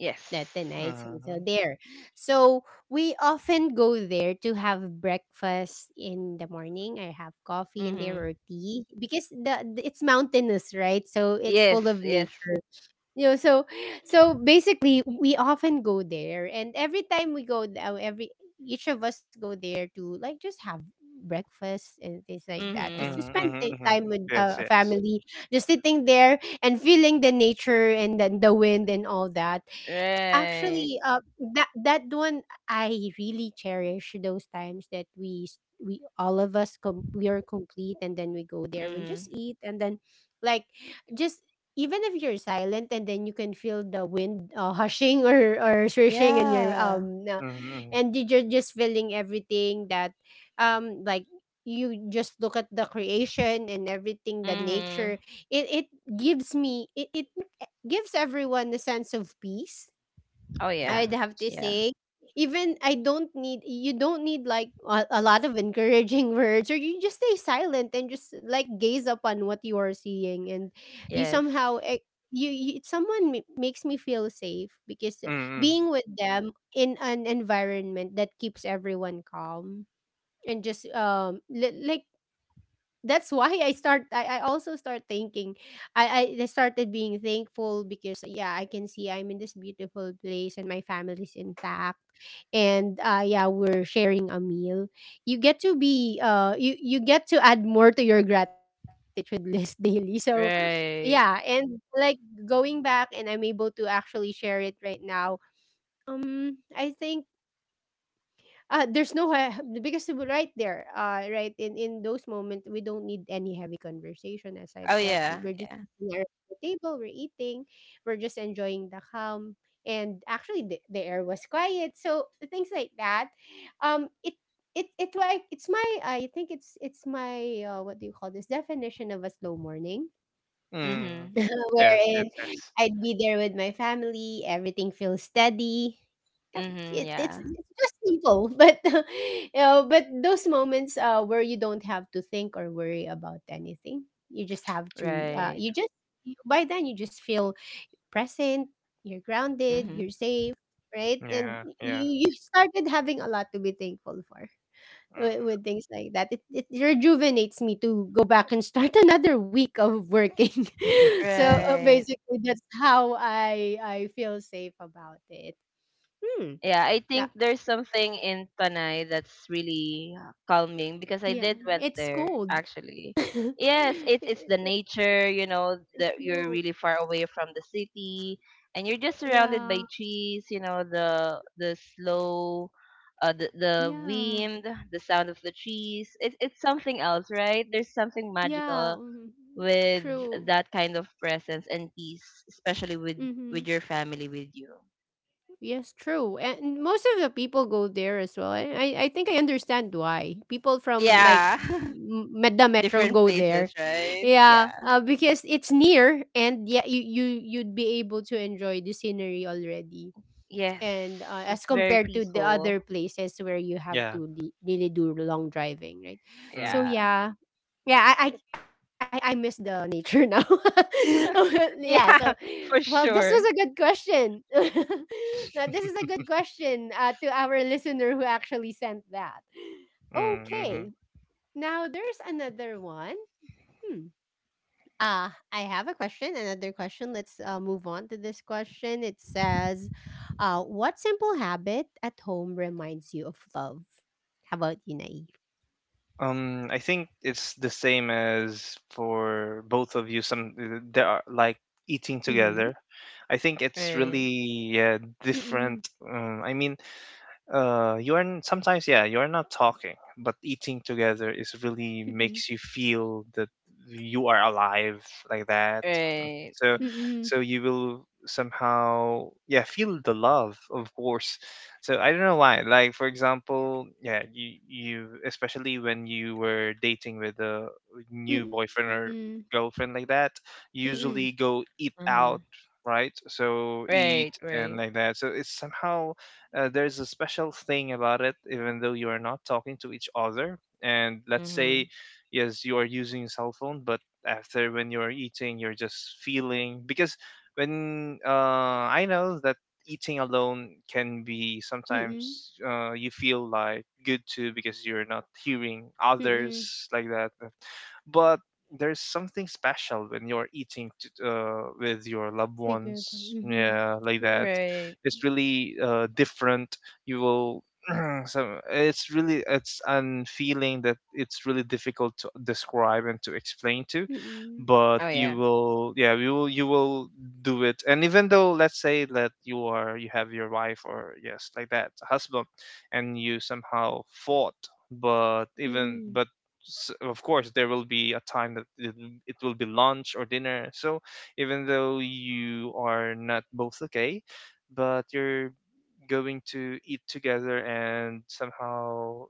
C: Yes.
A: that the nights so so
B: Mhm.
A: there. So we often go there to have breakfast in the morning. I have coffee in there
C: Mm-hmm.
A: or tea because the it's mountainous, right? So it's
C: Yes.
A: full of
C: Yes.
A: nature. You know, so so basically we often go there, and every time we go every each of us go there to like just have breakfast and things like that, just to
C: Mhm.
B: Mhm.
A: spend
B: Mhm. Mhm.
A: time with
B: Yes.
A: a
B: Yes.
A: family, just sitting there and feeling the nature and the wind and all that.
C: Right.
A: Actually, that that one I really cherish those times that we we all of us we are complete, and then we go there and
C: Mhm.
A: just eat and then, like, just even if you're silent and then you can feel the wind (laughs) hushing or swishing in your
C: Yeah.
B: Mhm.
A: and you're just feeling everything that like you just look at the creation and everything the
C: Mhm.
A: nature. It gives me, it, gives everyone a sense of peace,
C: Oh yeah.
A: I'd
B: Yes.
A: have to
C: Yeah.
A: say. Even I don't need, you don't need like a lot of encouraging (laughs) words, or you just stay silent and just like gaze upon what you are seeing. And you
C: Yes.
A: somehow, you someone makes me feel safe, because
B: Mhm.
A: being with them in an environment that keeps everyone calm and just like, that's why I start, I also start thinking, I I started being thankful, because yeah, I can see I'm in this beautiful place and my family's intact, and yeah, we're sharing a meal. You get to be you get to add more to your gratitude list (laughs) daily. So yeah,
C: Right.
A: and like, going back and I'm able to actually share it right now. Um, I think there's no because right there, right in those moments, we don't need any heavy conversation. As I've
C: Oh
A: said,
C: yeah.
A: we're just
C: Yeah.
A: sitting around the table, we're eating, we're just enjoying the calm, and actually the air was quiet. So things like that, it it it like it's my, I think it's my what do you call this, definition of a slow morning
B: Mm.
C: Mhm.
A: (laughs)
B: Yes. Yes.
A: wherein
B: Yes.
A: I'd be there with my family, everything feels steady. Yep,
C: Mhm.
A: It's
C: Yeah.
A: just simple, (laughs) but you know, but those moments where you don't have to think or worry about anything, you just have to.
C: Right.
A: You just by then you just feel present. You're grounded.
C: Mhm.
A: You're safe, right? And
B: Yeah. Yeah.
A: you started having a lot to be thankful for with
B: Mm.
A: things like that. It rejuvenates me to go back and start (laughs) another week of working. (laughs) So
B: (laughs)
C: Right.
A: basically, that's how I feel safe about it. Hmm.
C: Yeah, I
A: Yeah.
C: think there's something in Panay that's really calming, because I
A: Yeah.
C: did went
A: It's
C: there
A: cold.
C: actually.
A: (laughs) Y-
C: Yes, it's the nature, you know, that you're
A: No,
C: really far away from the city and you're just surrounded
A: yeah.
C: by trees, you know, the
A: Yeah.
C: wind, the sound of the trees. It's something else, right? There's something
A: Yeah.
C: magical
A: Mhm.
C: with
A: True.
C: that kind of presence and peace, especially with your family with you.
A: Yes, true. And most of the people go there as well. I think I understand why. People from, like,
C: Yeah. (laughs)
A: Meda Metro
C: Different
A: go
C: places,
A: there. (laughs)
C: right?
A: Yeah,
C: Yeah.
A: because it's near, and yeah, you you'd be able to enjoy the scenery already.
C: Yes,
A: And
C: it's
A: as
C: very
A: compared to the
C: peaceful.
A: other places where you have
B: Yeah.
A: to really do long driving, right? So
B: Mm.
C: Yeah. (laughs)
A: yeah, yeah, I I miss the nature now. (laughs) Yeah, so
C: Yeah,
A: well,
C: for
A: this was a
C: sure.
A: good question. (laughs) Now this is a good question to our listener who actually sent that.
B: Mm, mhm.
A: Okay, now there's another one. Hmm. I have a question. Another question. Let's move on to this question. It says, "What simple habit at home reminds you of love?" How about you, Naive?
B: I think it's the same as for both of you. Some There are like
A: Mm-hmm.
B: eating together. I think it's
C: Right.
B: really yeah,
A: Mm-mm.
B: different. Um, I mean, you are sometimes yeah you are not talking, but eating together is really
A: Mm-hmm.
B: makes you feel that you are alive, like that. Mm.
C: Right.
B: So
A: Mm-mm.
B: so you will somehow yeah feel the love of course. So I don't know why, like for example, yeah you especially when you were dating with a new
A: Mm-mm.
B: boyfriend or girlfriend like that,
A: Mm,
B: you usually go eat out,
C: Mhm.
B: right? So eat
C: Right,
B: and
C: right.
B: like that. So it's somehow there's a special thing about it, even though you are not talking to each other. And let's say,
C: Mhm.
B: yes, you are using a cell phone, but after when you're eating, you're just feeling because when I know that eating alone can be
A: mm,
B: sometimes you feel like good too, because you're not hearing
A: mm,
B: others like that. But there's something special when you're eating with your loved
A: together,
B: ones,
A: mhm,
B: yeah, like
A: true,
B: that.
C: Right.
B: It's really different. You will. (clears throat) So it's really it's an feeling that it's really difficult to describe and to explain to,
A: mm,
B: but
C: Oh
B: you
C: yeah.
B: will yeah you will do it. And even though let's say that you have your wife or yes like that husband, and you somehow fought, but
A: mm.
B: of course there will be a time that it will be lunch or dinner, so even though you are not both okay, but you're going to eat together, and somehow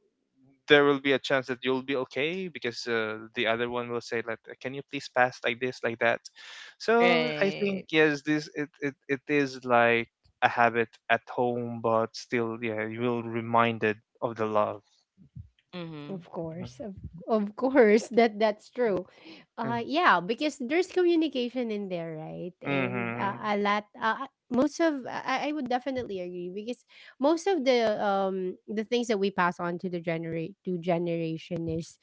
B: there will be a chance that you'll be okay because the other one will say like, can you please pass like this, like that. So I think
C: Right.
B: yes, this it is like a habit at home, but still yeah you will reminded of the love.
A: Of
C: Mhm.
A: course, of (laughs) course, that's true. Yeah, because there's communication in there, right? And
B: Mm-hmm.
A: most of I would definitely agree, because most of the things that we pass on to the generate to generation is,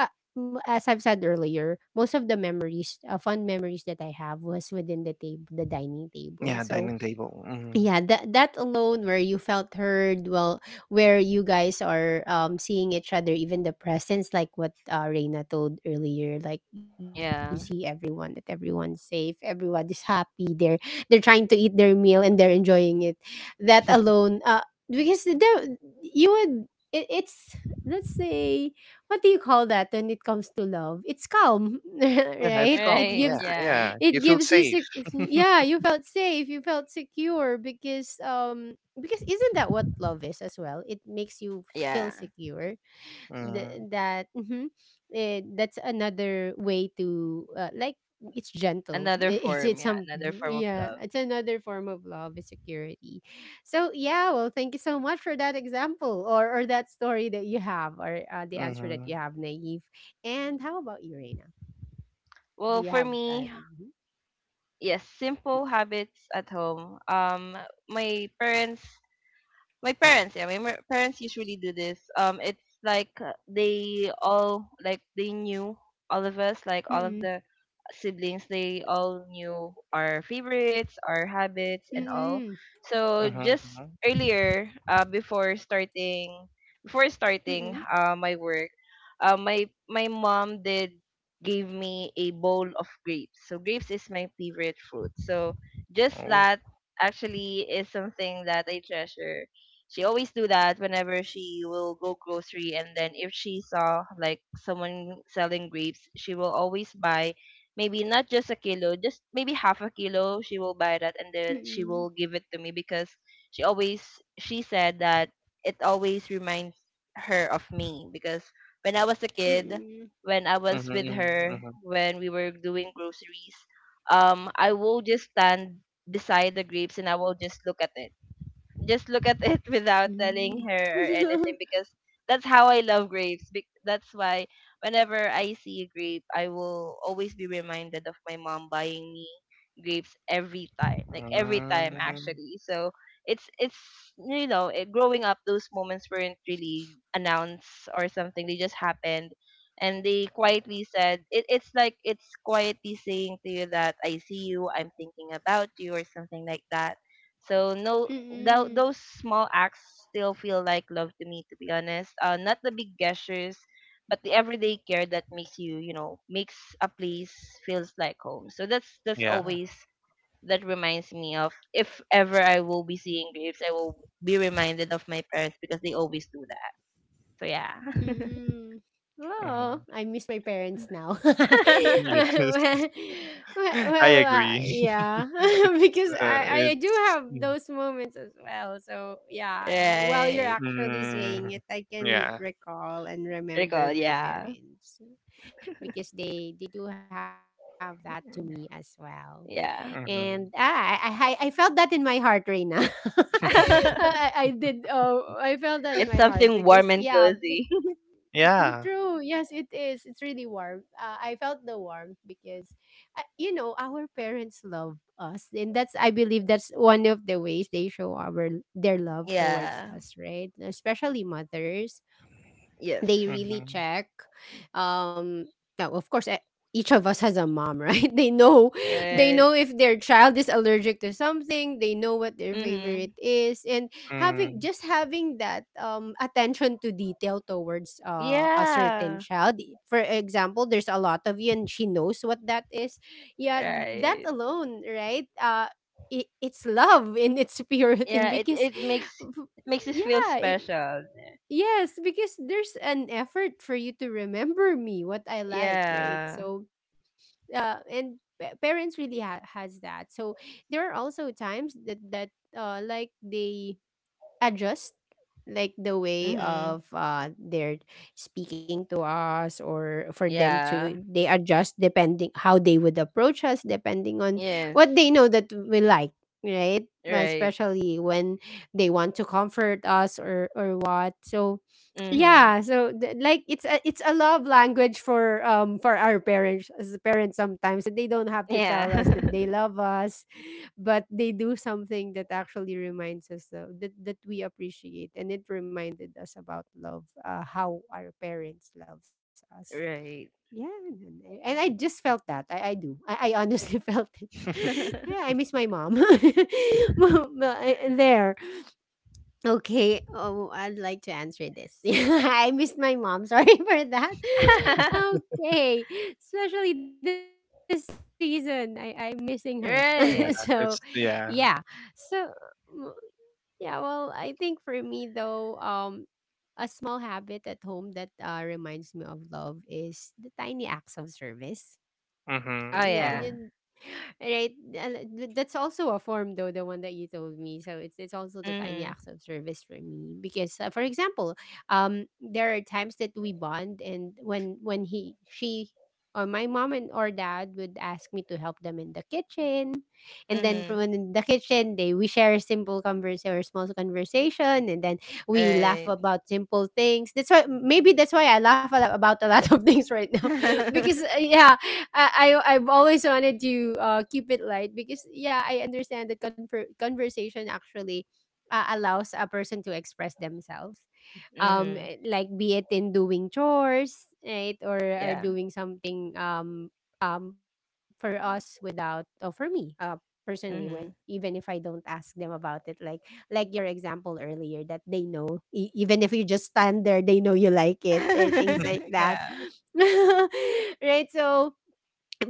A: uh, as I've said earlier, most of the memories, fun memories that I have was within the table, the dining table.
B: Yeah,
A: So
B: dining table. Hmm.
A: yeah that that alone where you felt heard, well, where you guys are seeing each other, even the presence, like what Reina told earlier, like you see
C: Yeah.
A: everyone, that everyone's safe, everyone is happy, they're trying to eat their meal and they're enjoying it. That alone, because there you would it's let's say, what do you call that? When it comes to love, it's calm (laughs)
B: Yeah, it's
A: right?
B: calm.
A: It
C: Right,
B: Yeah,
A: gives,
C: yeah.
B: yeah. You
A: it
B: feel
A: gives you
B: safe.
A: yeah, you felt safe, you felt secure, because isn't that what love is as well? It makes you
C: Yeah.
A: feel secure. Th-
B: Mm-hmm.
A: that Mhm. That's another way to like, it's gentle. (laughs)
C: Another
A: I- it's
C: form,
A: it's
C: yeah, another
A: something,
C: form of love.
A: yeah, it's another form of love, is security. So yeah, well, thank you so much for that example, or that story that you have, or the answer
B: Mm-hmm.
A: that you have, Naive. And how about you, Reina?
C: Well,
A: Do you
C: for
A: have
C: me,
A: mhm?
C: yes, simple habits at home. My parents My parents, yeah, parents usually do this. It's like, they all, like they knew all of us, like all of
A: Mm-mm.
C: the siblings. They all knew our favorites, our habits, and all.
A: Mm-mm.
C: So
B: Mm-hmm.
C: just
B: Mm-hmm.
C: earlier, before starting,
A: Mm-mm.
C: my work, my my mom did gave me a bowl of grapes. So grapes is my favorite fruit. So just
B: Oh.
C: that actually is something that I treasure. She always do that whenever she will go grocery, and then if she saw like someone selling grapes, she will always buy maybe not just a kilo, just maybe half a kilo. She will buy that and then she
A: Mm,
C: will give it to me because she always she said that it always reminds her of me because when I was a kid,
A: mm,
C: when I was
B: Mm-hmm.
C: with her,
B: Mm-hmm.
C: when we were doing groceries, I will just stand beside the grapes and I will just look at it, just look at it (laughs) without
A: hmm.
C: telling her or anything because that's how I love grapes. That's why whenever I see a grape, I will always be reminded of my mom buying me grapes every time, like every time
B: Mm-hmm.
C: actually. So it's growing up, those moments weren't really announced or something. They just happened, and they quietly said it, it's like it's quietly saying to you that I see you, I'm thinking about you, or something like that. So no,
A: Mm,
C: those small acts still feel like love to me. To be honest, not the big gestures, but the everyday care that makes you, makes a place feels like home. So that's
B: Yeah.
C: always that reminds me of if ever I will be seeing graves, I will be reminded of my parents because they always do that. So yeah,
A: (laughs)
C: (laughs)
A: mm. Oh, I
B: Mm-hmm.
A: miss my parents now.
B: Yes,
A: (laughs) Well,
B: (laughs)
A: well,
B: I agree. (laughs)
A: yeah, (laughs) because
B: It's, uh,
A: I do
B: it's.
A: have those moments as well. So, yeah, while you're
C: right.
A: actually
B: Mm,
A: saying it, I can
B: yeah.
A: recall and
C: Recall,
A: remember my
C: yeah,
A: parents, because they do have that to me as well.
C: yeah.
A: And
B: Mm-hmm.
A: I felt that in my heart, Reina. (laughs)
B: (laughs)
A: I
C: (laughs)
A: did. Oh, I felt that in my
C: It's
A: heart
C: something
A: because,
C: warm and
A: yeah, (laughs)
C: cozy.
B: Yeah.
A: True. Yes, it is. It's really warm. I felt the warmth because, you know, our parents love us, and that's I believe that's one of the ways they show our their
C: (laughs)
A: love towards
C: Yeah.
A: us, right? Especially mothers,
C: Yes.
A: they really
B: Mm-hmm.
A: check, um now of course each of us has a mom, right? (laughs) They know, they
C: Right.
A: know if their child is allergic to something, they know what their
C: Mhm.
A: favorite is. And
B: Mm.
A: having just having that attention to detail towards a certain
C: Yeah.
A: child, for example, there's a lot of you and she knows what that is. Yeah, that
C: Right.
A: alone, right? It's love in its (laughs) purity
C: Yeah. It
A: because,
C: it makes it makes it feel
A: yeah,
C: special.
A: yes, because there's an effort for you to remember me, what I like, right?
C: Yeah.
A: So, parents really has that. So there are also times that like they adjust, like the way
C: Mhm.
A: of they're speaking to us, or for them to
C: Yeah.
A: they adjust depending how they would approach us, depending on
C: Yes.
A: what they know that we like, right? But
C: Right.
A: especially when they want to comfort us, or what. So
C: Mhm.
A: yeah, so like it's a, it's a love language for, for our parents, as parents sometimes, and they don't have to tell us
C: Yeah. (laughs)
A: that they love us, but they do something that actually reminds us, that that we appreciate, and it reminded us about love, how our parents loves us.
C: Right.
A: Yeah, and I just felt that, I do, I honestly (laughs) felt it.
B: (laughs)
A: (laughs) Yeah, I miss my mom. (laughs) Well, well, I- there Okay. Oh, I'd like to answer this. (laughs) I missed my mom. Sorry (laughs) for that.
C: (laughs)
A: Okay. Especially this season, I'm missing her. (laughs) So,
B: Yeah.
C: Right.
A: yeah.
B: It's. Yeah.
A: So, mm, yeah, well, I think for me, though, a small habit at home that reminds me of love is the tiny acts of service.
B: Mm-hmm.
C: Oh
A: Yeah,
C: yeah.
B: Mm-hmm.
A: yun, right. And that's also a form though, the one that you told me. So it's also the tiny
C: Mhm.
A: acts of service for me because, for example, there are times that we bond, and when he she or my mom and or dad would ask me to help them in the kitchen, and then from
C: Mhm.
A: in the kitchen they we share a simple conversation, or small conversation, and then we laugh
C: Right.
A: about simple things. That's why, maybe that's why I laugh a lot about a lot of (laughs) things right now, because
C: (laughs)
A: yeah, I've always wanted to keep it light because, yeah, I understand that conversation actually allows a person to express themselves.
C: Mhm.
A: Like be it in doing chores, right, or are
C: Yeah.
A: doing something, for us, without, or for me, personally, when,
C: Mhm.
A: even if I don't ask them about it, like your example earlier, that they know, even if you just stand there, they know you like it, or things like
B: (laughs)
C: (laughs)
A: that,
C: Yeah.
A: (laughs) right? So,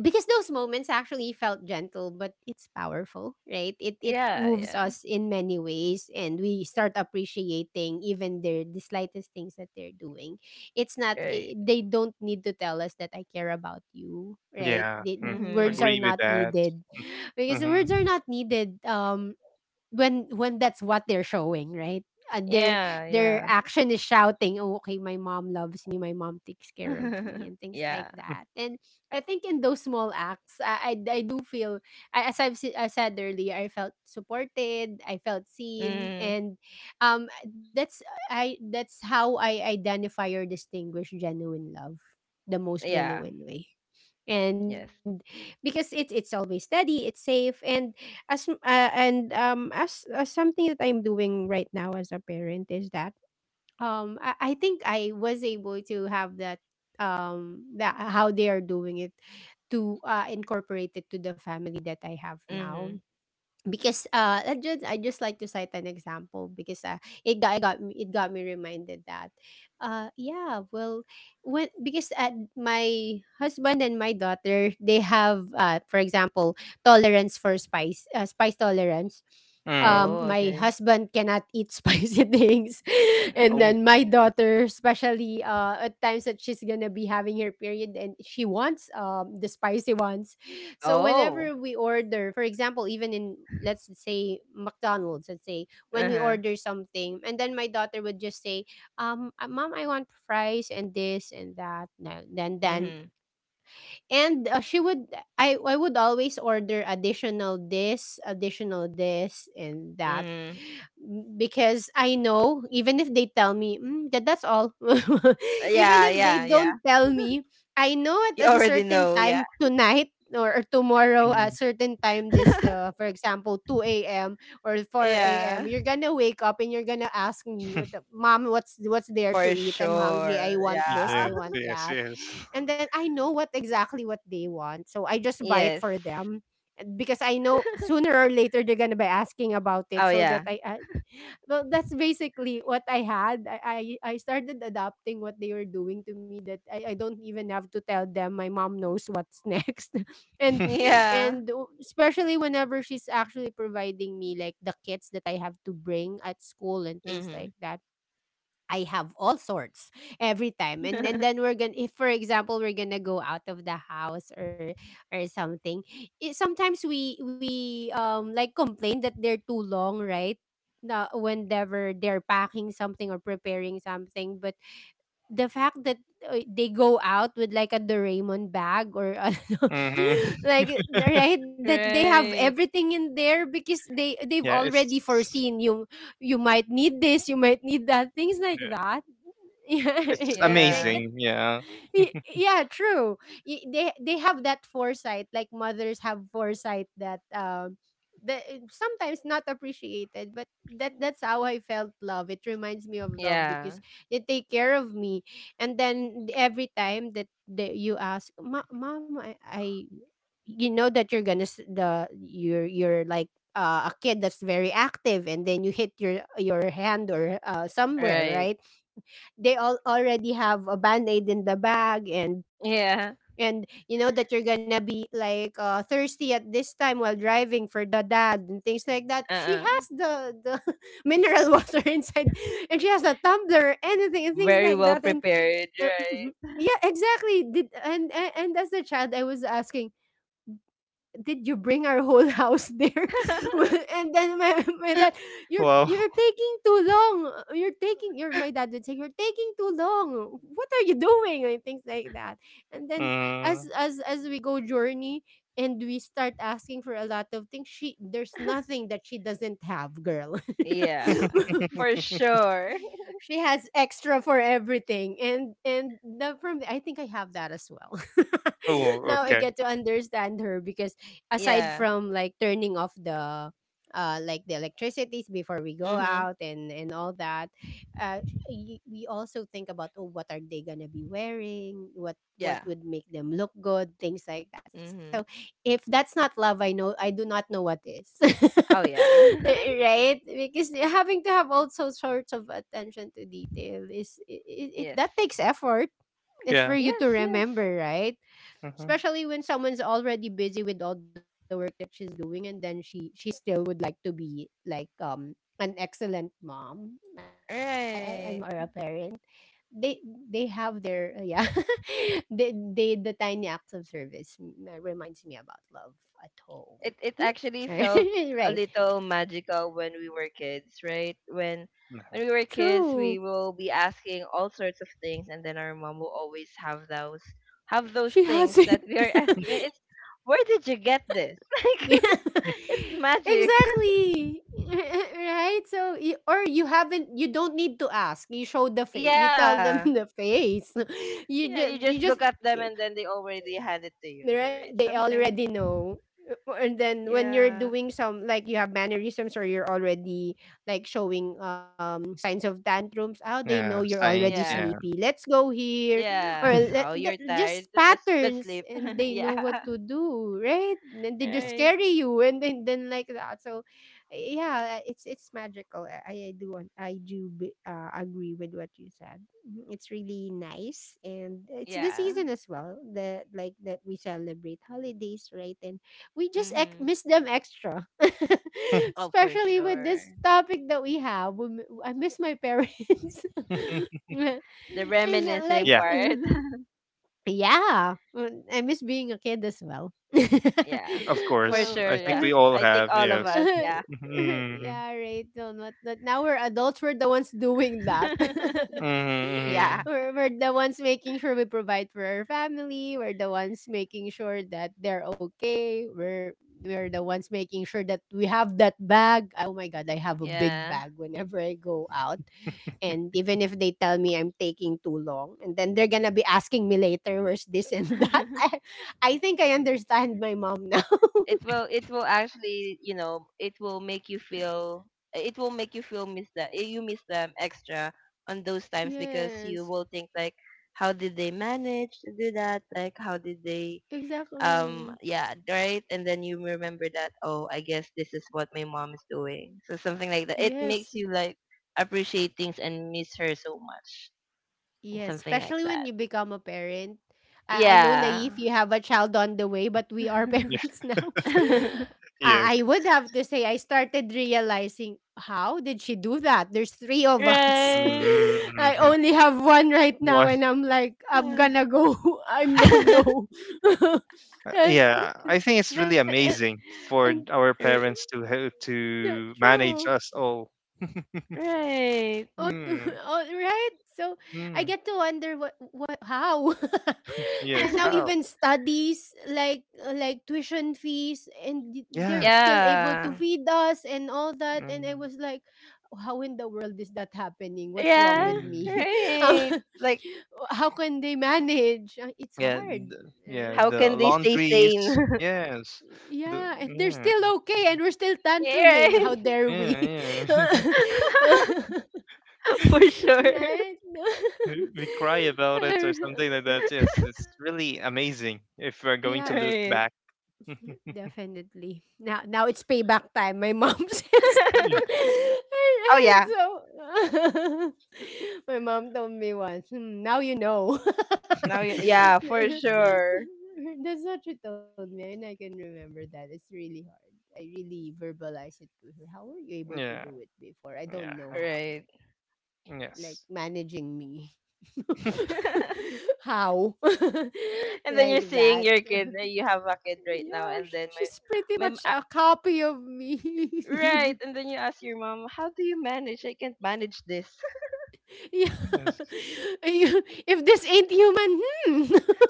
A: because those moments actually felt gentle, but it's powerful, right? It
C: Yeah. Yeah.
A: moves us in many ways, and we start appreciating even the slightest things that they're doing. It's not,
C: Right.
A: I they don't need to tell us that I care about you, right?
B: Yeah.
A: The,
B: Mm.
A: words
C: Mhm.
A: are
B: Agree with
A: not
B: that.
A: needed, because
B: Mm-hmm.
A: words are not needed, when that's what they're showing, right?
C: Yeah.
A: Their
C: Yeah.
A: action is shouting, "Oh, okay, my mom loves me. My mom takes care of me,"
C: (laughs)
A: and things like
C: Yeah.
A: that. And I think in those small acts, I do feel, I said earlier, I felt supported, I felt seen,
C: Mm.
A: and um, that's, I that's how I identify or distinguish genuine love, the most
C: Yeah.
A: genuine way. And
C: Yes.
A: because it's always steady, it's safe. And as m- and as something that I'm doing right now as a parent is that, I think I was able to have that, that how they are doing it, to incorporate it to the family that I have now.
C: Mm-hmm.
A: Because I just like to cite an example, because it got me reminded that, yeah, well, when because at my husband and my daughter, they have, for example, tolerance for spice, spice tolerance.
B: Mm.
C: Oh,
A: My
C: okay.
A: husband cannot eat (laughs) spicy things, and
B: Oh.
C: (laughs)
A: then my daughter, especially at times that she's gonna be having her period and she wants the spicy ones. So
C: Oh.
A: whenever we order, for example, even in, let's say, McDonald's, let's say when we
C: Uh-huh.
A: order something, and then my daughter would just say, Mom, I want fries and this and that." No, then
C: Mm-hmm.
A: and she would I would always order additional this and that,
C: Mm-hmm.
A: because I know, even if they tell me mm, that that's all. (laughs) Even
C: Yeah,
A: if they
C: yeah, yeah.
A: don't tell me, I know
C: You
A: at a
C: already
A: certain
C: know, yeah.
A: time tonight or tomorrow a
B: Mm.
A: certain time, this,
C: (laughs)
A: for example 2 a.m. or
C: Yeah.
A: 4 a.m., you're gonna wake up and you're gonna ask me, or
B: (laughs)
A: "Mom, what's there to
C: For
A: eat? I'm hungry, I
C: sure.
A: want this, I
B: Yes,
C: Yeah.
A: want
C: (laughs)
B: yes,
A: that."
B: yes.
A: And then I know what exactly what they want, so I just buy it
C: Yes.
A: for them. And because I know sooner or later they're going to be asking about it,
C: Oh,
A: so that
C: yeah.
A: I well, that's basically what I had. I started adopting what they were doing to me, that I don't even have to tell them, my mom knows what's (laughs) next. And
B: (laughs)
C: Yeah.
A: and especially whenever she's actually providing me, like the kits that I have to bring at school and things
C: Mm-hmm.
A: like that, I have all sorts, every time. And then
C: (laughs)
A: we're gonna, if for example we're gonna go out of the house, or something. It, sometimes we like complain that they're too long, right? Na, whenever they're packing something or preparing something, but the fact that they go out with like a Doraemon bag or ano,
B: Hmm.
A: (laughs) like, right, that they have
C: Right.
A: everything in there, because they've
B: Yeah,
A: already
B: it's
A: foreseen, you might need this, you might need that, things like
B: yeah,
A: that. (laughs) Yeah,
B: it's
A: yeah, right.
C: Yeah.
B: amazing. Yeah.
A: Yeah, true. They have that foresight, like mothers have foresight that that sometimes not appreciated. But that, that's how I felt love. It reminds me of love
C: Yeah.
A: because they take care of me, and then every time that you ask, Mom, I." You know that you're gonna s- the you're like, a kid that's very active, and then you hit your hand, or somewhere,
C: Right.
A: right? They all already have a band-aid in the bag. and
C: Yeah.
A: and you know that you're gonna be like, thirsty at this time, while driving, for the dad and things like that, she
C: Uh-uh.
A: has the (laughs) mineral water inside, and she has a tumbler, anything, and things
C: Very
A: like
C: well
A: that. And
C: prepared,
A: uh, (laughs) yeah, exactly. Did, And as a child, I was asking, did you bring our whole house there?
C: right?
A: (laughs) Well,
C: (laughs)
A: and then my dad,
B: Wow.
A: you're taking too long. You're taking your My dad would say, "You're taking too long. What are you doing?" And things like that. And then,
B: Mm.
A: as we go journey and we start asking for a lot of things, she there's nothing that she doesn't have, girl.
C: Yeah,
A: (laughs)
C: for
B: (laughs)
C: sure.
A: She has extra for everything and the, from I think I have that as well.
B: Oh,
A: (laughs)
C: (laughs)
A: Now I
B: okay.
A: get to understand her because aside
C: Yeah.
A: from like turning off the like the electricities before we go
C: Mhm.
A: out and all that. We also think about, oh, what are they gonna be wearing,
C: Yeah.
A: what would make them look good, things like that, so
C: Mhm.
A: if that's not love, I know I do not know what is. (laughs)
C: Oh yeah. (laughs)
A: Right? Because having to have also sorts of attention to detail is it
C: Yes.
A: that takes effort. It's for
B: Yeah.
A: you to
C: Yes, yes.
A: remember, right?
B: Hmm.
A: Especially when someone's already busy with all the work that she's doing, and then she still would like to be like an excellent mom, I, I'm or a
C: Right.
A: parent. they they have their (laughs) they, the tiny acts of service reminds me about love at home.
C: It actually felt
A: Hmm? (laughs) Right.
C: a little magical when we were kids, right? When we were kids,
A: True.
C: we will be asking all sorts of things and then our mom will always have
A: She
C: those
A: has
C: things
A: it.
C: that we are (laughs) asking.
A: (laughs)
C: It's where did you get this? (laughs) Like
A: Yeah. (laughs)
C: (laughs) it's magic. (laughs)
A: Exactly. (laughs) Right. So or you haven't, you don't need to ask, you show the face, you tell them, (laughs)
C: Yeah.
A: the face. (laughs) you
C: Yeah,
A: just
C: you
A: you
C: just
A: just
C: look at them and then they already hand it to you,
A: They're-
C: right?
A: they
C: Something.
A: already know. And then when you're
C: Yeah.
A: doing some, like you have mannerisms, or you're already like showing signs of tantrums. Oh, they know you're
B: Yeah,
A: already
B: science.
C: Yeah.
B: Yeah.
A: sleepy, let's go here, or
C: Yeah. Oh, you're tired.
A: just
C: Let's
A: patterns,
C: sleep.
A: and they
C: (laughs)
A: know what
C: Yeah.
A: to do, right? And they just
C: Right.
A: carry you, and then like that, so yeah, it's magical. I do want, I do agree with what you said. Mhm. It's really nice, and it's the
C: Yeah.
A: season as well, that like that we celebrate holidays, right? And we just
C: Mhm.
A: miss them extra, (laughs)
C: Oh, for
A: especially with
C: sure.
A: this topic that we have. I miss my parents, (laughs)
B: (laughs)
C: The
A: and
C: reminiscing
A: like
B: Yeah,
C: part. (laughs)
A: (laughs) yeah, I miss being a kid as well. (laughs)
C: Yeah.
B: of
C: For
A: Uh,
B: course.
C: sure,
B: I think
C: yeah.
A: (laughs)
B: we all
C: I think
B: have.
C: all of
B: Yes.
C: us,
A: (laughs)
C: yeah.
B: Mm-hmm.
A: yeah, right. No, not now we're adults. We're the ones doing that.
C: (laughs)
B: Mm-hmm.
A: (laughs)
C: Yeah.
A: We're the ones making sure we provide for our family. We're the ones making sure that they're okay. We're the ones making sure that we have that bag. Oh my god, I have a big
C: Yeah.
A: bag whenever I go out. And even if they tell me I'm taking too long, and then they're gonna be asking me later, where's this and (laughs) that.
C: (laughs)
A: I think I understand my mom now. (laughs)
C: It will actually, it will make you feel it will make you feel miss that you miss them extra on those times because you
A: Yes.
C: will think like how did they manage to do that, like how did they
A: Exactly.
C: yeah, right. And then you remember that, oh, I guess this is what my mom is doing, so something like that. It
A: Yes.
C: makes you like appreciate things and miss her so much and
A: Yes.
C: something like
A: Especially when
C: that.
A: you become a parent. I know,
C: Yeah.
A: Naif, you (laughs) have a child on the way, but we are (laughs)
B: Yeah.
C: (laughs)
A: parents
B: (laughs)
A: now.
B: Yes.
A: I would have to say, I started realizing, how did she do that? There's three of us. (laughs)
C: Right.
A: I
B: Mm-hmm.
A: only have one right now,
B: One.
A: and I'm like, I'm
C: (laughs) (laughs)
A: gonna go. (laughs) I'm no, no. (laughs) and,
B: Yeah,
A: and,
B: I think it's really
A: and,
B: amazing for our
C: R-
B: parents
A: (laughs)
B: to
A: yeah, true.
B: to manage us all. (laughs)
A: Oh, (laughs)
C: Right.
A: oh,
B: Hmm.
A: right. So I get to
B: Mm.
A: wonder what how (laughs) right now,
B: Yes.
C: (laughs)
A: even
B: How?
A: studies like tuition fees, and they're
B: Yeah.
A: still able to
C: Yeah.
A: feed us and all that, and I
B: Mm.
A: was like, how in the world is that happening? What's wrong
C: Yeah.
A: with
B: Mm.
A: me? (laughs) Um,
C: Right. Like
A: how can they manage? It's
B: Yeah.
A: hard,
B: Yeah.
A: right?
C: how
B: The
C: can they stay
B: laundries.
C: sane?
B: Yes. The
A: Yeah, and they're
B: yeah.
A: still okay, and we're still
C: (laughs) Yeah,
A: tantruming.
C: right.
A: How dare we? (laughs) (laughs)
B: Yeah. Yeah.
C: (laughs) For
B: (laughs)
C: sure.
A: Right?
B: (laughs) We cry about it or something like that. Yes, it's really
A: (laughs)
B: amazing if we're going to
A: Yeah,
B: look
C: Right.
B: back. (laughs)
A: definitely. Now, now it's payback time, my mom (laughs) says.
B: Yeah.
C: (laughs) Oh
A: Alright,
C: yeah.
A: so (laughs) my mom told me once, "Hmm, now you know." (laughs)
C: Now
A: That's
C: you, yeah, for sure.
A: what she told me, and I can remember that. It's really hard. I really verbalize it to her, how were you able to
B: Yeah.
A: do it before? I don't know
B: Yeah.
A: how,
C: Right.
A: like,
B: Yes.
A: managing me. (laughs)
B: (laughs)
C: (laughs)
A: How? (laughs)
C: And then you're
A: Like
C: seeing
A: that.
C: your kid,
A: (laughs)
C: you have a kid right now,
A: Yeah,
C: and then
A: she's pretty
C: my, m-
A: much
C: a-
A: a copy of me. (laughs)
C: right, and then you ask your mom, how do you manage? I can't manage this.
A: Yeah.
B: Yes.
A: (laughs) If this ain't human, hmm,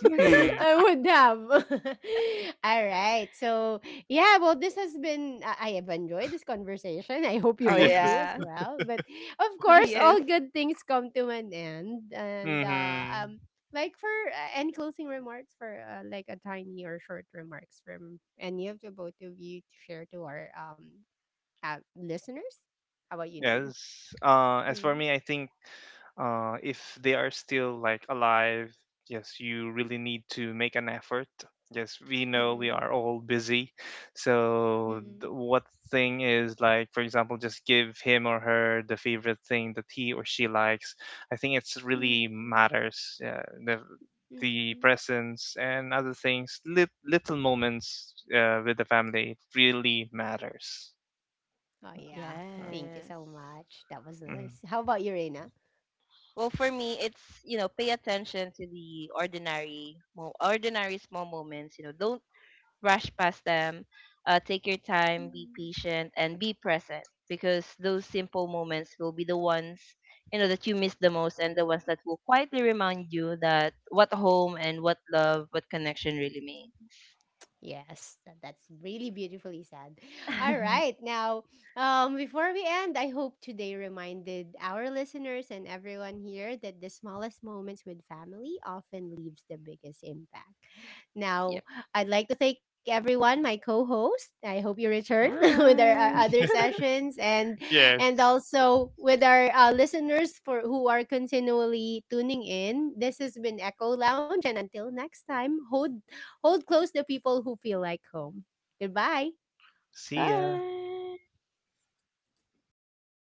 B: Hmm. (laughs)
A: I would have. (laughs) All right. So, yeah, well, this has been, I have enjoyed this conversation. I hope you
C: Oh
A: both
B: Yes.
A: do as
C: yeah.
A: well. But of course,
C: Yes.
A: all good things come to an end. And,
B: Hmm.
A: like, for any closing remarks, for like a tiny or short remarks from any of the both of you to share to our listeners. How about you, Naive?
B: Yes. As for
A: Mm.
B: me, I think if they are still like alive, yes, you really need to make an effort. Yes, we know
A: Mm.
B: we are all busy. So
A: Mm.
B: what thing is like, for example, just give him or her the favorite thing that he or she likes. I think it's really
A: Mm,
B: matters. Yeah, the
A: mm.
B: presence and other things, little moments with the family really matters.
A: Oh, yeah.
B: Mm.
A: Thank you
C: Yes.
A: so much. That was
B: Mm.
A: nice. How about you, Reina?
C: Well, for me, it's, pay attention to the ordinary, ordinary small moments. You know, don't rush past them. Take your time, be patient, and be present because those simple moments will be the ones, you know, that you miss the most, and the ones that will quietly remind you that what home and what love, what connection really means.
A: Yes, that's really beautifully said. (laughs) All right.
C: (laughs)
A: Now, before we end, I hope today reminded our listeners and everyone here that the smallest moments with family often leaves the biggest impact.
C: Yep.
A: Now, I'd like to thank everyone, my co-host. I hope you return (laughs) with our
C: Yes.
A: other sessions,
B: Yes.
A: and also with our listeners for who are continually tuning in. This has been Echo Lounge, and until next time, hold, hold close the people who feel like home. Goodbye.
B: See ya.
C: Bye.